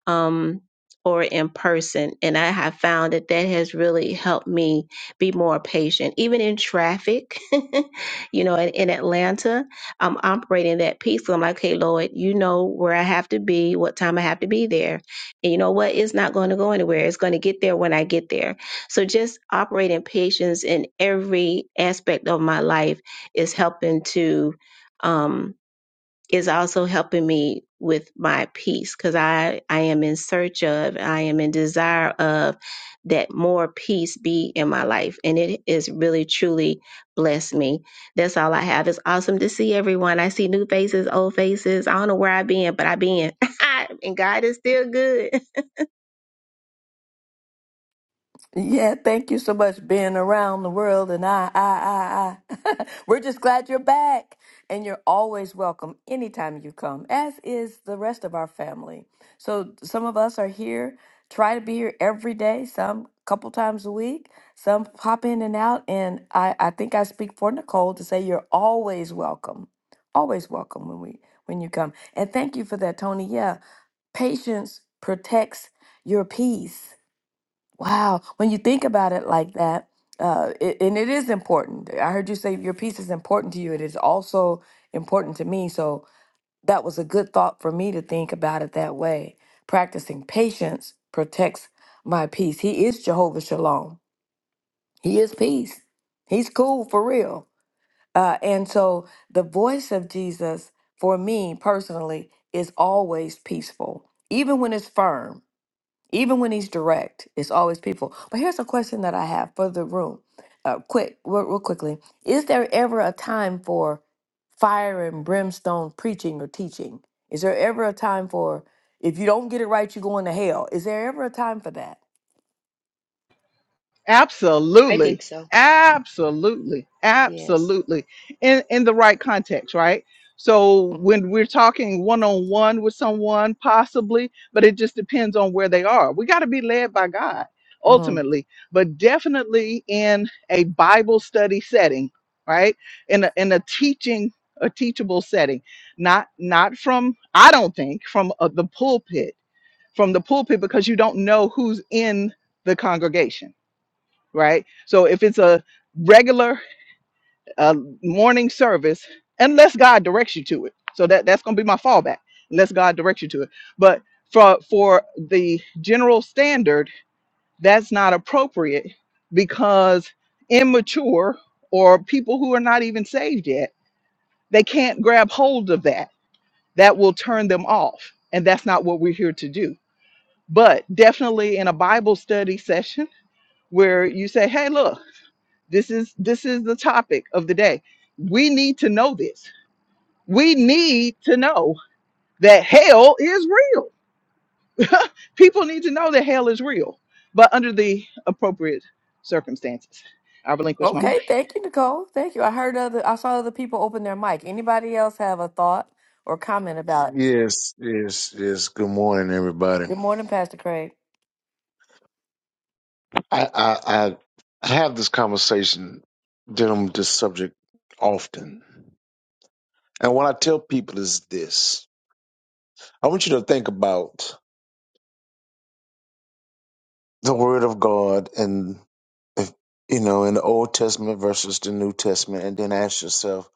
S12: Um, or in person. And I have found that that has really helped me be more patient, even in traffic. you know, in, in Atlanta, I'm operating that piece. I'm like, hey, Lord, you know where I have to be, what time I have to be there. And you know what? It's not going to go anywhere. It's going to get there when I get there. So just operating patience in every aspect of my life is helping to. Um, is also helping me with my peace because I, I am in search of, I am in desire of that more peace be in my life. And it is really, truly blessed me. That's all I have. It's awesome to see everyone. I see new faces, old faces. I don't know where I been, but I been. and God is still good.
S2: Yeah, thank you so much being around the world and I I I I. We're just glad you're back and you're always welcome anytime you come as is the rest of our family. So some of us are here, try to be here every day, some couple times a week, some pop in and out and I I think I speak for Nicole to say you're always welcome. Always welcome when we when you come. And thank you for that Tony. Yeah, patience protects your peace Wow. When you think about it like that, uh, it, and it is important. I heard you say your piece is important to you. It is also important to me. So that was a good thought for me to think about it that way. Practicing patience protects my peace. He is Jehovah Shalom. He is peace. He's cool for real. Uh, and so the voice of Jesus for me personally is always peaceful, even when it's firm even when he's direct, it's always people. But here's a question that I have for the room, uh, quick, real, real quickly: Is there ever a time for fire and brimstone preaching or teaching? Is there ever a time for if you don't get it right, you're going to hell? Is there ever a time for that?
S8: I
S1: Absolutely.
S8: think so.
S1: Absolutely.
S8: Yes.
S1: Absolutely. In in the right context, right? So when we're talking one on one with someone, possibly, but it just depends on where they are. We got to be led by God
S2: Mm.
S1: ultimately, but definitely in a Bible study setting, right? In a in a teaching a teachable setting, not not from I don't think from uh, the pulpit, from the pulpit because you don't know who's in the congregation right? So if it's a regular uh, morning service, unless God directs you to it, so that that's going to be my fallback, unless God directs you to it. But for for the general standard, that's not appropriate because immature or people who are not even saved yet, they can't grab hold of that. That will turn them off, and that's not what we're here to do. But definitely in a Bible study session where you say, "Hey, look." This is this is the topic of the day. We need to know this. We need to know that hell is real. People need to know that hell is real, but under the appropriate circumstances. I relinquish my mic.
S2: Okay, thank you, Nicole. Thank you. I heard other, I saw other people open their mic. Anybody else have a thought or comment about?
S13: Yes, yes, yes. Good morning, everybody.
S2: Good morning, Pastor Craig.
S13: I, I, I have this conversation dealing with this subject often. And what I tell people is this I want you to think about the Word of God and, if, you know, in the Old Testament versus the New Testament, and then ask yourself,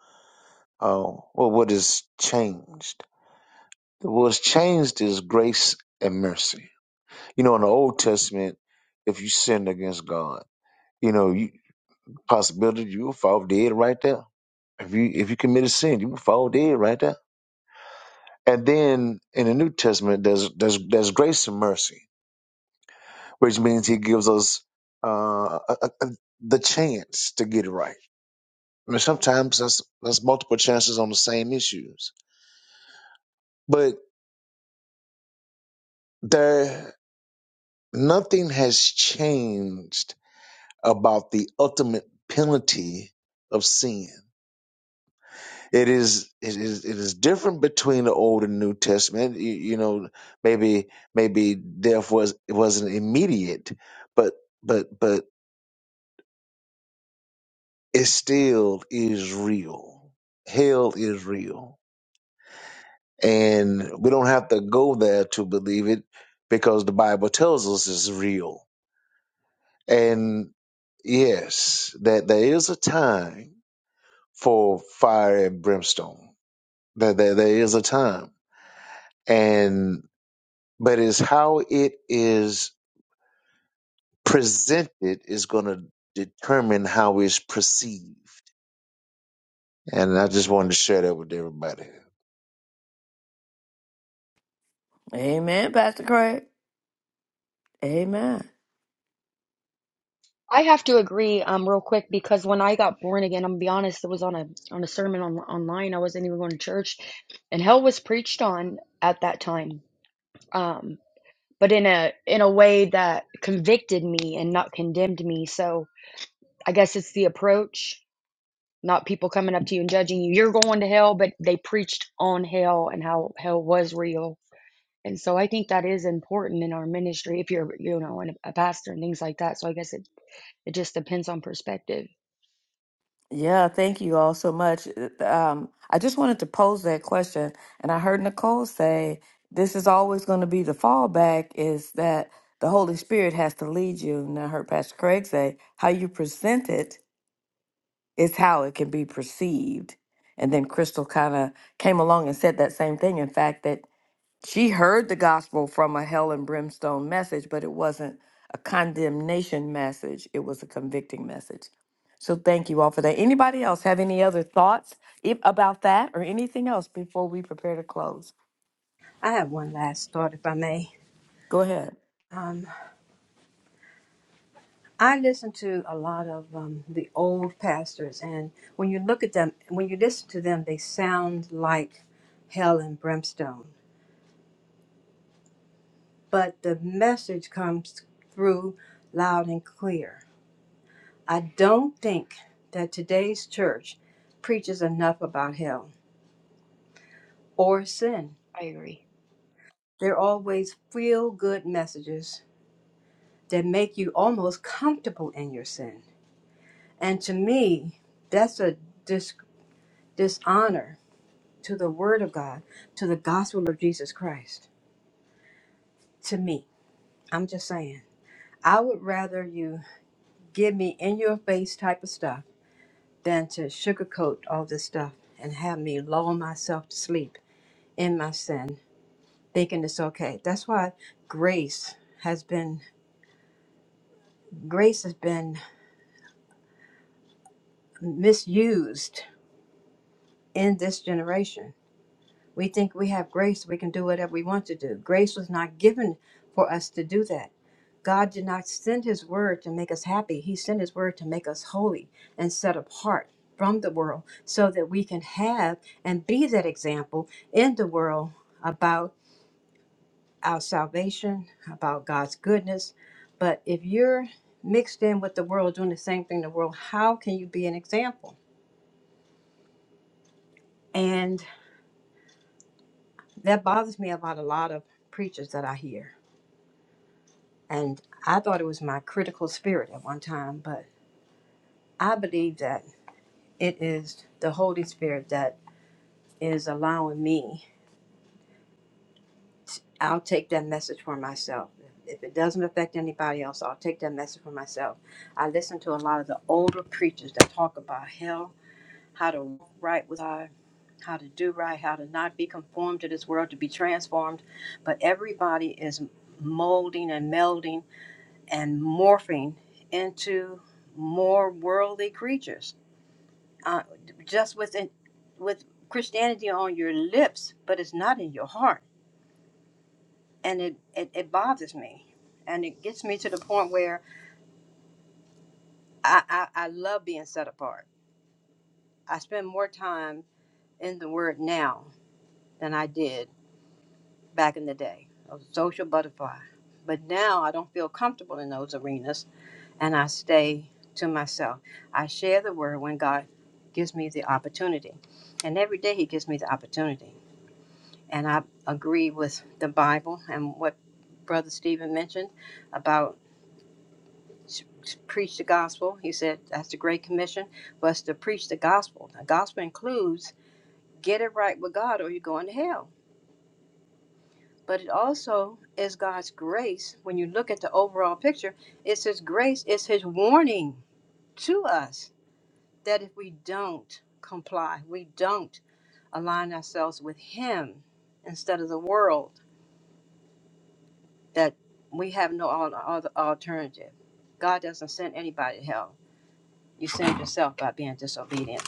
S13: oh, well, what has changed? What's changed is grace and mercy. You know, in the Old Testament, if you sinned against God, you know, you. Possibility you will fall dead right there. If you if you committed sin, you will fall dead right there. And then in the New Testament, there's there's there's grace and mercy, which means He gives us uh, a, a, a- the chance to get it right. I mean, sometimes that's that's multiple chances on the same issues, but there nothing has changed about the ultimate penalty of sin. it is it is it is different between the old and new testament you, you know maybe maybe death was it wasn't immediate but but but it still is real hell is real and we don't have to go there to believe it because the bible tells us it's real and yes that there is a time for fire and brimstone that there, there is a time and. but is how it is presented is going to determine how it's perceived. And I just wanted to share that with everybody.
S2: Amen, Pastor Craig. Amen.
S8: I have to agree, um, real quick because when I got born again, I'm gonna be honest, it was on a on a sermon on online. I wasn't even going to church, and hell was preached on at that time. Um, but in a in a way that convicted me and not condemned me. So I guess it's the approach not people coming up to you and judging you. You're going to hell, but they preached on hell and how hell was real. And so I think that is important in our ministry if you're, you know, a pastor and things like that. So I guess it, it just depends on perspective.
S2: Yeah, thank you all so much. Um, I just wanted to pose that question, and I heard Nicole say this is always going to be the fallback is that the Holy Spirit has to lead you. And I heard Pastor Craig say how you present it is how it can be perceived. And then Crystal kind of came along and said that same thing. In fact, that she heard the gospel from a hell and brimstone message, but it wasn't a condemnation message, it was a convicting message. So thank you all for that. Anybody else have any other thoughts if, about that or anything else before we prepare to close?
S6: I have one last thought, if I may.
S2: Go ahead.
S6: Um, I listen to a lot of um, the old pastors, and when you look at them, when you listen to them, they sound like hell and brimstone. But the message comes through loud and clear. I don't think that today's church preaches enough about hell or sin.
S8: I agree.
S6: They're always feel good messages that make you almost comfortable in your sin And to me, that's a dis- dishonor to the Word of God, to the gospel of Jesus Christ. To me, I'm just saying. I would rather you give me in your face type of stuff than to sugarcoat all this stuff and have me lull myself to sleep in my sin, thinking it's okay. That's why grace has been grace has been misused in this generation We think we have grace, we can do whatever we want to do. Grace was not given for us to do that. God did not send his word to make us happy, he sent his word to make us holy and set apart from the world so that we can have and be that example in the world about our salvation, about God's goodness. But if you're mixed in with the world doing the same thing in the world, how can you be an example? And that bothers me about a lot of preachers that I hear And I thought it was my critical spirit at one time, but I believe that it is the Holy Spirit that is allowing me. I'll take that message for myself. If it doesn't affect anybody else, I'll take that message for myself. I listen to a lot of the older preachers that talk about hell, how to walk right with God, how to do right, how to not be conformed to this world, to be transformed. But everybody is molding and melding and morphing into more worldly creatures uh, just with with Christianity on your lips, but it's not in your heart, and it it, it bothers me, and it gets me to the point where I, I I love being set apart. I spend more time in the Word now than I did back in the day. I was a social butterfly, but now I don't feel comfortable in those arenas and I stay to myself. I share the word when God gives me the opportunity. And every day He gives me the opportunity. And I agree with the Bible and what Brother Stephen mentioned about s- s- preach the gospel. He said that's the Great Commission was to preach the gospel. The gospel includes get it right with God or you're going to hell. But it also is God's grace. When you look at the overall picture, it's His grace, it's His warning to us that if we don't comply, we don't align ourselves with Him instead of the world, that we have no al- other alternative. God doesn't send anybody to hell. You send yourself by being disobedient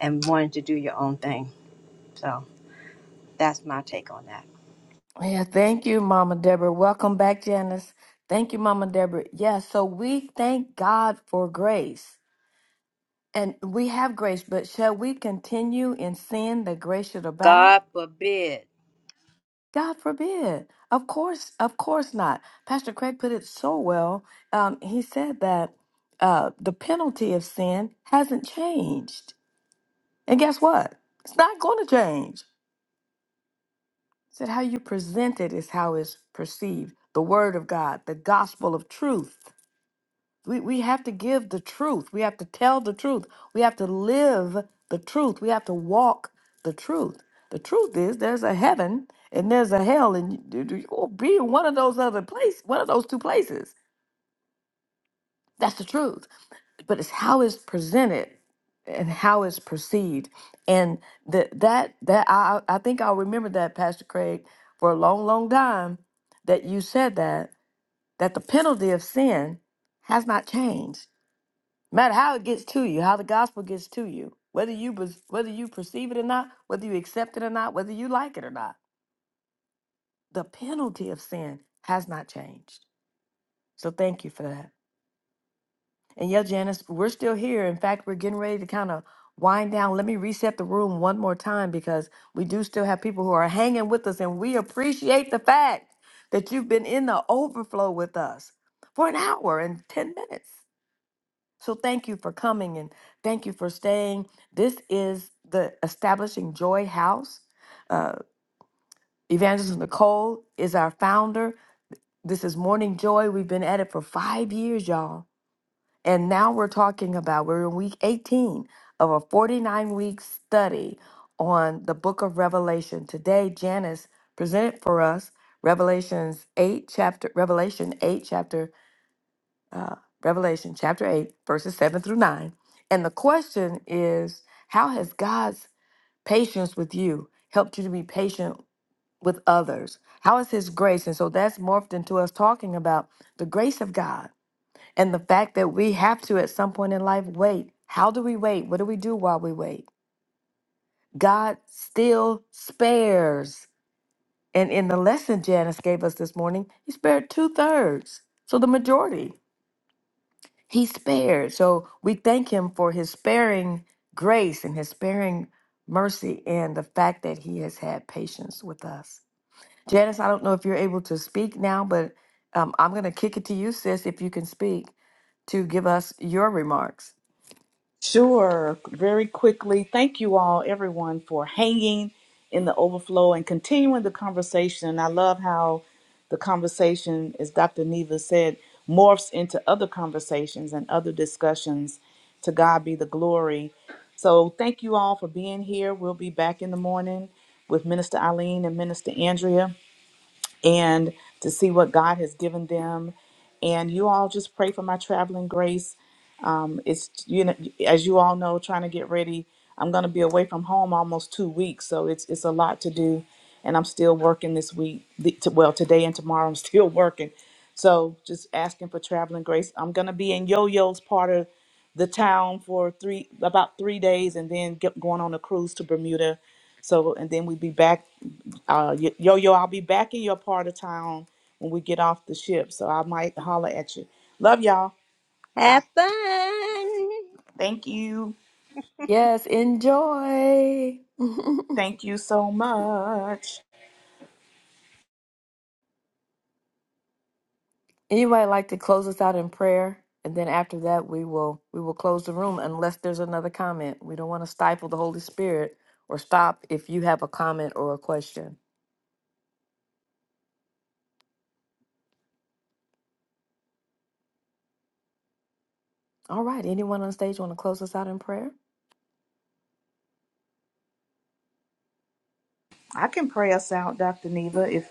S6: and wanting to do your own thing. So that's my take on that.
S2: Yeah, thank you, Mama Deborah. Welcome back, Janice. Thank you, Mama Deborah. Yeah, so we thank God for grace. And we have grace, but shall we continue in sin that grace should abound?
S6: God forbid.
S2: God forbid. Of course, of course not. Pastor Craig put it so well. Um, he said that uh, the penalty of sin hasn't changed. And guess what? It's not going to change. He said, How you present it is how it's perceived. The Word of God, the gospel of truth. we, we have to give the truth. We have to tell the truth. We have to live the truth. We have to walk the truth. The truth is there's a heaven and there's a hell, and you, you- you'll be in one of those other place, one of those two places. That's the truth. But it's how it's presented and how it's perceived. And that that that I I I think I'll remember that, Pastor Craig, for a long, long time that you said that, that the penalty of sin has not changed matter how it gets to you, how the gospel gets to you, whether you bes- whether you perceive it or not, whether you accept it or not, whether you like it or not, the penalty of sin has not changed. So thank you for that. And yeah, Janice, we're still here. In fact, we're getting ready to kind of wind down. Let me reset the room one more time because we do still have people who are hanging with us, and we appreciate the fact that you've been in the overflow with us for an hour and ten minutes. So thank you for coming and thank you for staying. This is the Establishing Joy House. Uh, Evangelist Nicole is our founder. This is Morning Joy. We've been at it for five years, y'all. And now we're talking about, we're in week 18 of a 49 week study on the book of Revelation. Today, Janice presented for us Revelations 8, chapter, Revelation 8, chapter uh, Revelation chapter 8, verses 7 through 9. And the question is how has God's patience with you helped you to be patient with others? How is His grace? And so that's morphed into us talking about the grace of God and the fact that we have to, at some point in life, wait. How do we wait? What do we do while we wait? God still spares. And in the lesson Janice gave us this morning, He spared two thirds. So the majority. He spared. So we thank him for his sparing grace and his sparing mercy and the fact that he has had patience with us. Janice, I don't know if you're able to speak now, but um, I'm going to kick it to you, sis, if you can speak to give us your remarks.
S3: Sure, very quickly. Thank you all, everyone, for hanging in the overflow and continuing the conversation. I love how the conversation, as Dr. Neva said, morphs into other conversations and other discussions. To God be the glory. So, thank you all for being here. We'll be back in the morning with Minister Eileen and Minister Andrea and to see what God has given them. And you all just pray for my traveling grace it's you know as you all know trying to get ready i'm going to be away from home almost two weeks so it's it's a lot to do and i'm still working this week the, to, well today and tomorrow i'm still working so just asking for traveling grace i'm going to be in yo-yo's part of the town for three about three days and then get going on a cruise to bermuda so and then we be back uh, Yo- Yo-Yo, I'll be back in your part of town when we get off the ship. So I might holler at you. Love y'all.
S6: Have
S3: Bye.
S6: fun.
S3: Thank you.
S2: Yes, enjoy.
S3: Thank you so much.
S2: Anybody like to close us out in prayer? And then after that, we will we will close the room unless there's another comment. We don't want to stifle the Holy Spirit or stop if you have a comment or a question. All right. Anyone on stage want to close us out in prayer?
S3: I can pray us out, Dr. Neva, if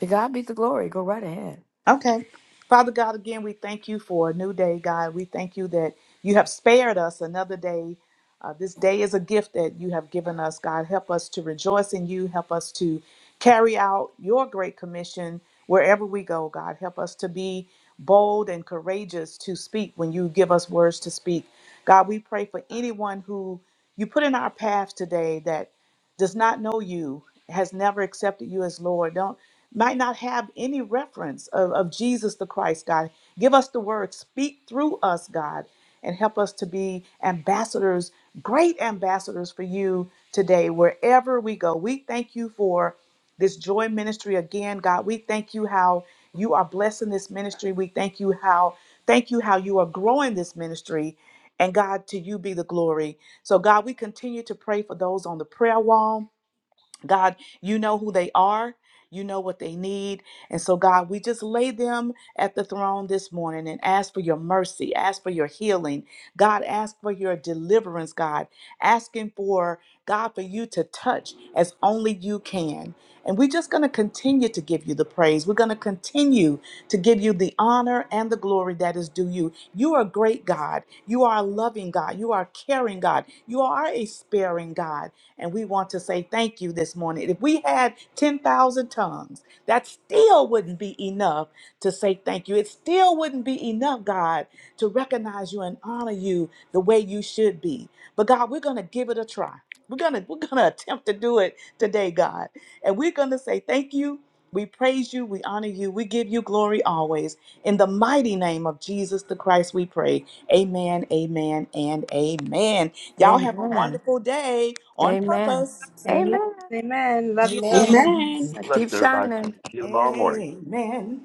S2: To God be the glory. Go right ahead.
S3: okay. Father God, again, we thank you for a new day, God. We thank you that you have spared us another day. Uh, this day is a gift that you have given us, God. Help us to rejoice in you. Help us to carry out your great commission wherever we go, God. Help us to be bold and courageous to speak when you give us words to speak. God, we pray for anyone who you put in our path today that. does not know you, has never accepted you as Lord, don't might not have any reference of, of Jesus the Christ, God. Give us the word, speak through us, God, and help us to be ambassadors, great ambassadors for you today, wherever we go. We thank you for this joy ministry again, God. We thank you how you are blessing this ministry. We thank you how thank you how you are growing this ministry. And God, to you be the glory. So, God, we continue to pray for those on the prayer wall God, you know who they are. You know what they need. And so, God, we just lay them at the throne this morning and ask for your mercy, ask for your healing. God, ask for your deliverance, God, asking for, God, for you to touch as only you can. And we're just going to continue to give you the praise. We're going to continue to give you the honor and the glory that is due you. You are a great God. You are a loving God. You are a caring God. You are a sparing God. And we want to say thank you this morning. If we had 10,000 tongues, that still wouldn't be enough to say thank you. It still wouldn't be enough, God, to recognize you and honor you the way you should be. But God, we're going to give it a try. We're going to we're going to attempt to do it today, God. And we're going to say thank you. We praise you, we honor you, we give you glory always. In the mighty name of Jesus the Christ we pray. Amen, amen, and amen. Y'all have a
S2: Amen.
S3: wonderful day on
S2: Amen.
S3: purpose.
S6: Amen. Amen. Love
S10: Amen.
S5: Amen.
S7: Bless everybody. See you tomorrow morning.
S3: Amen.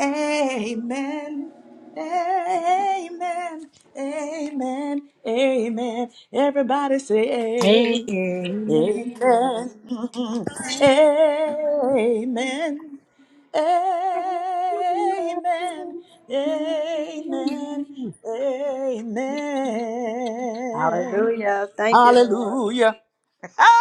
S3: Amen. Amen. Amen. Amen. Everybody say amen.
S6: you.
S3: Amen. Amen.
S6: Amen.
S3: Amen. Amen.
S6: Hallelujah. Thank you, Lord.
S3: Hallelujah.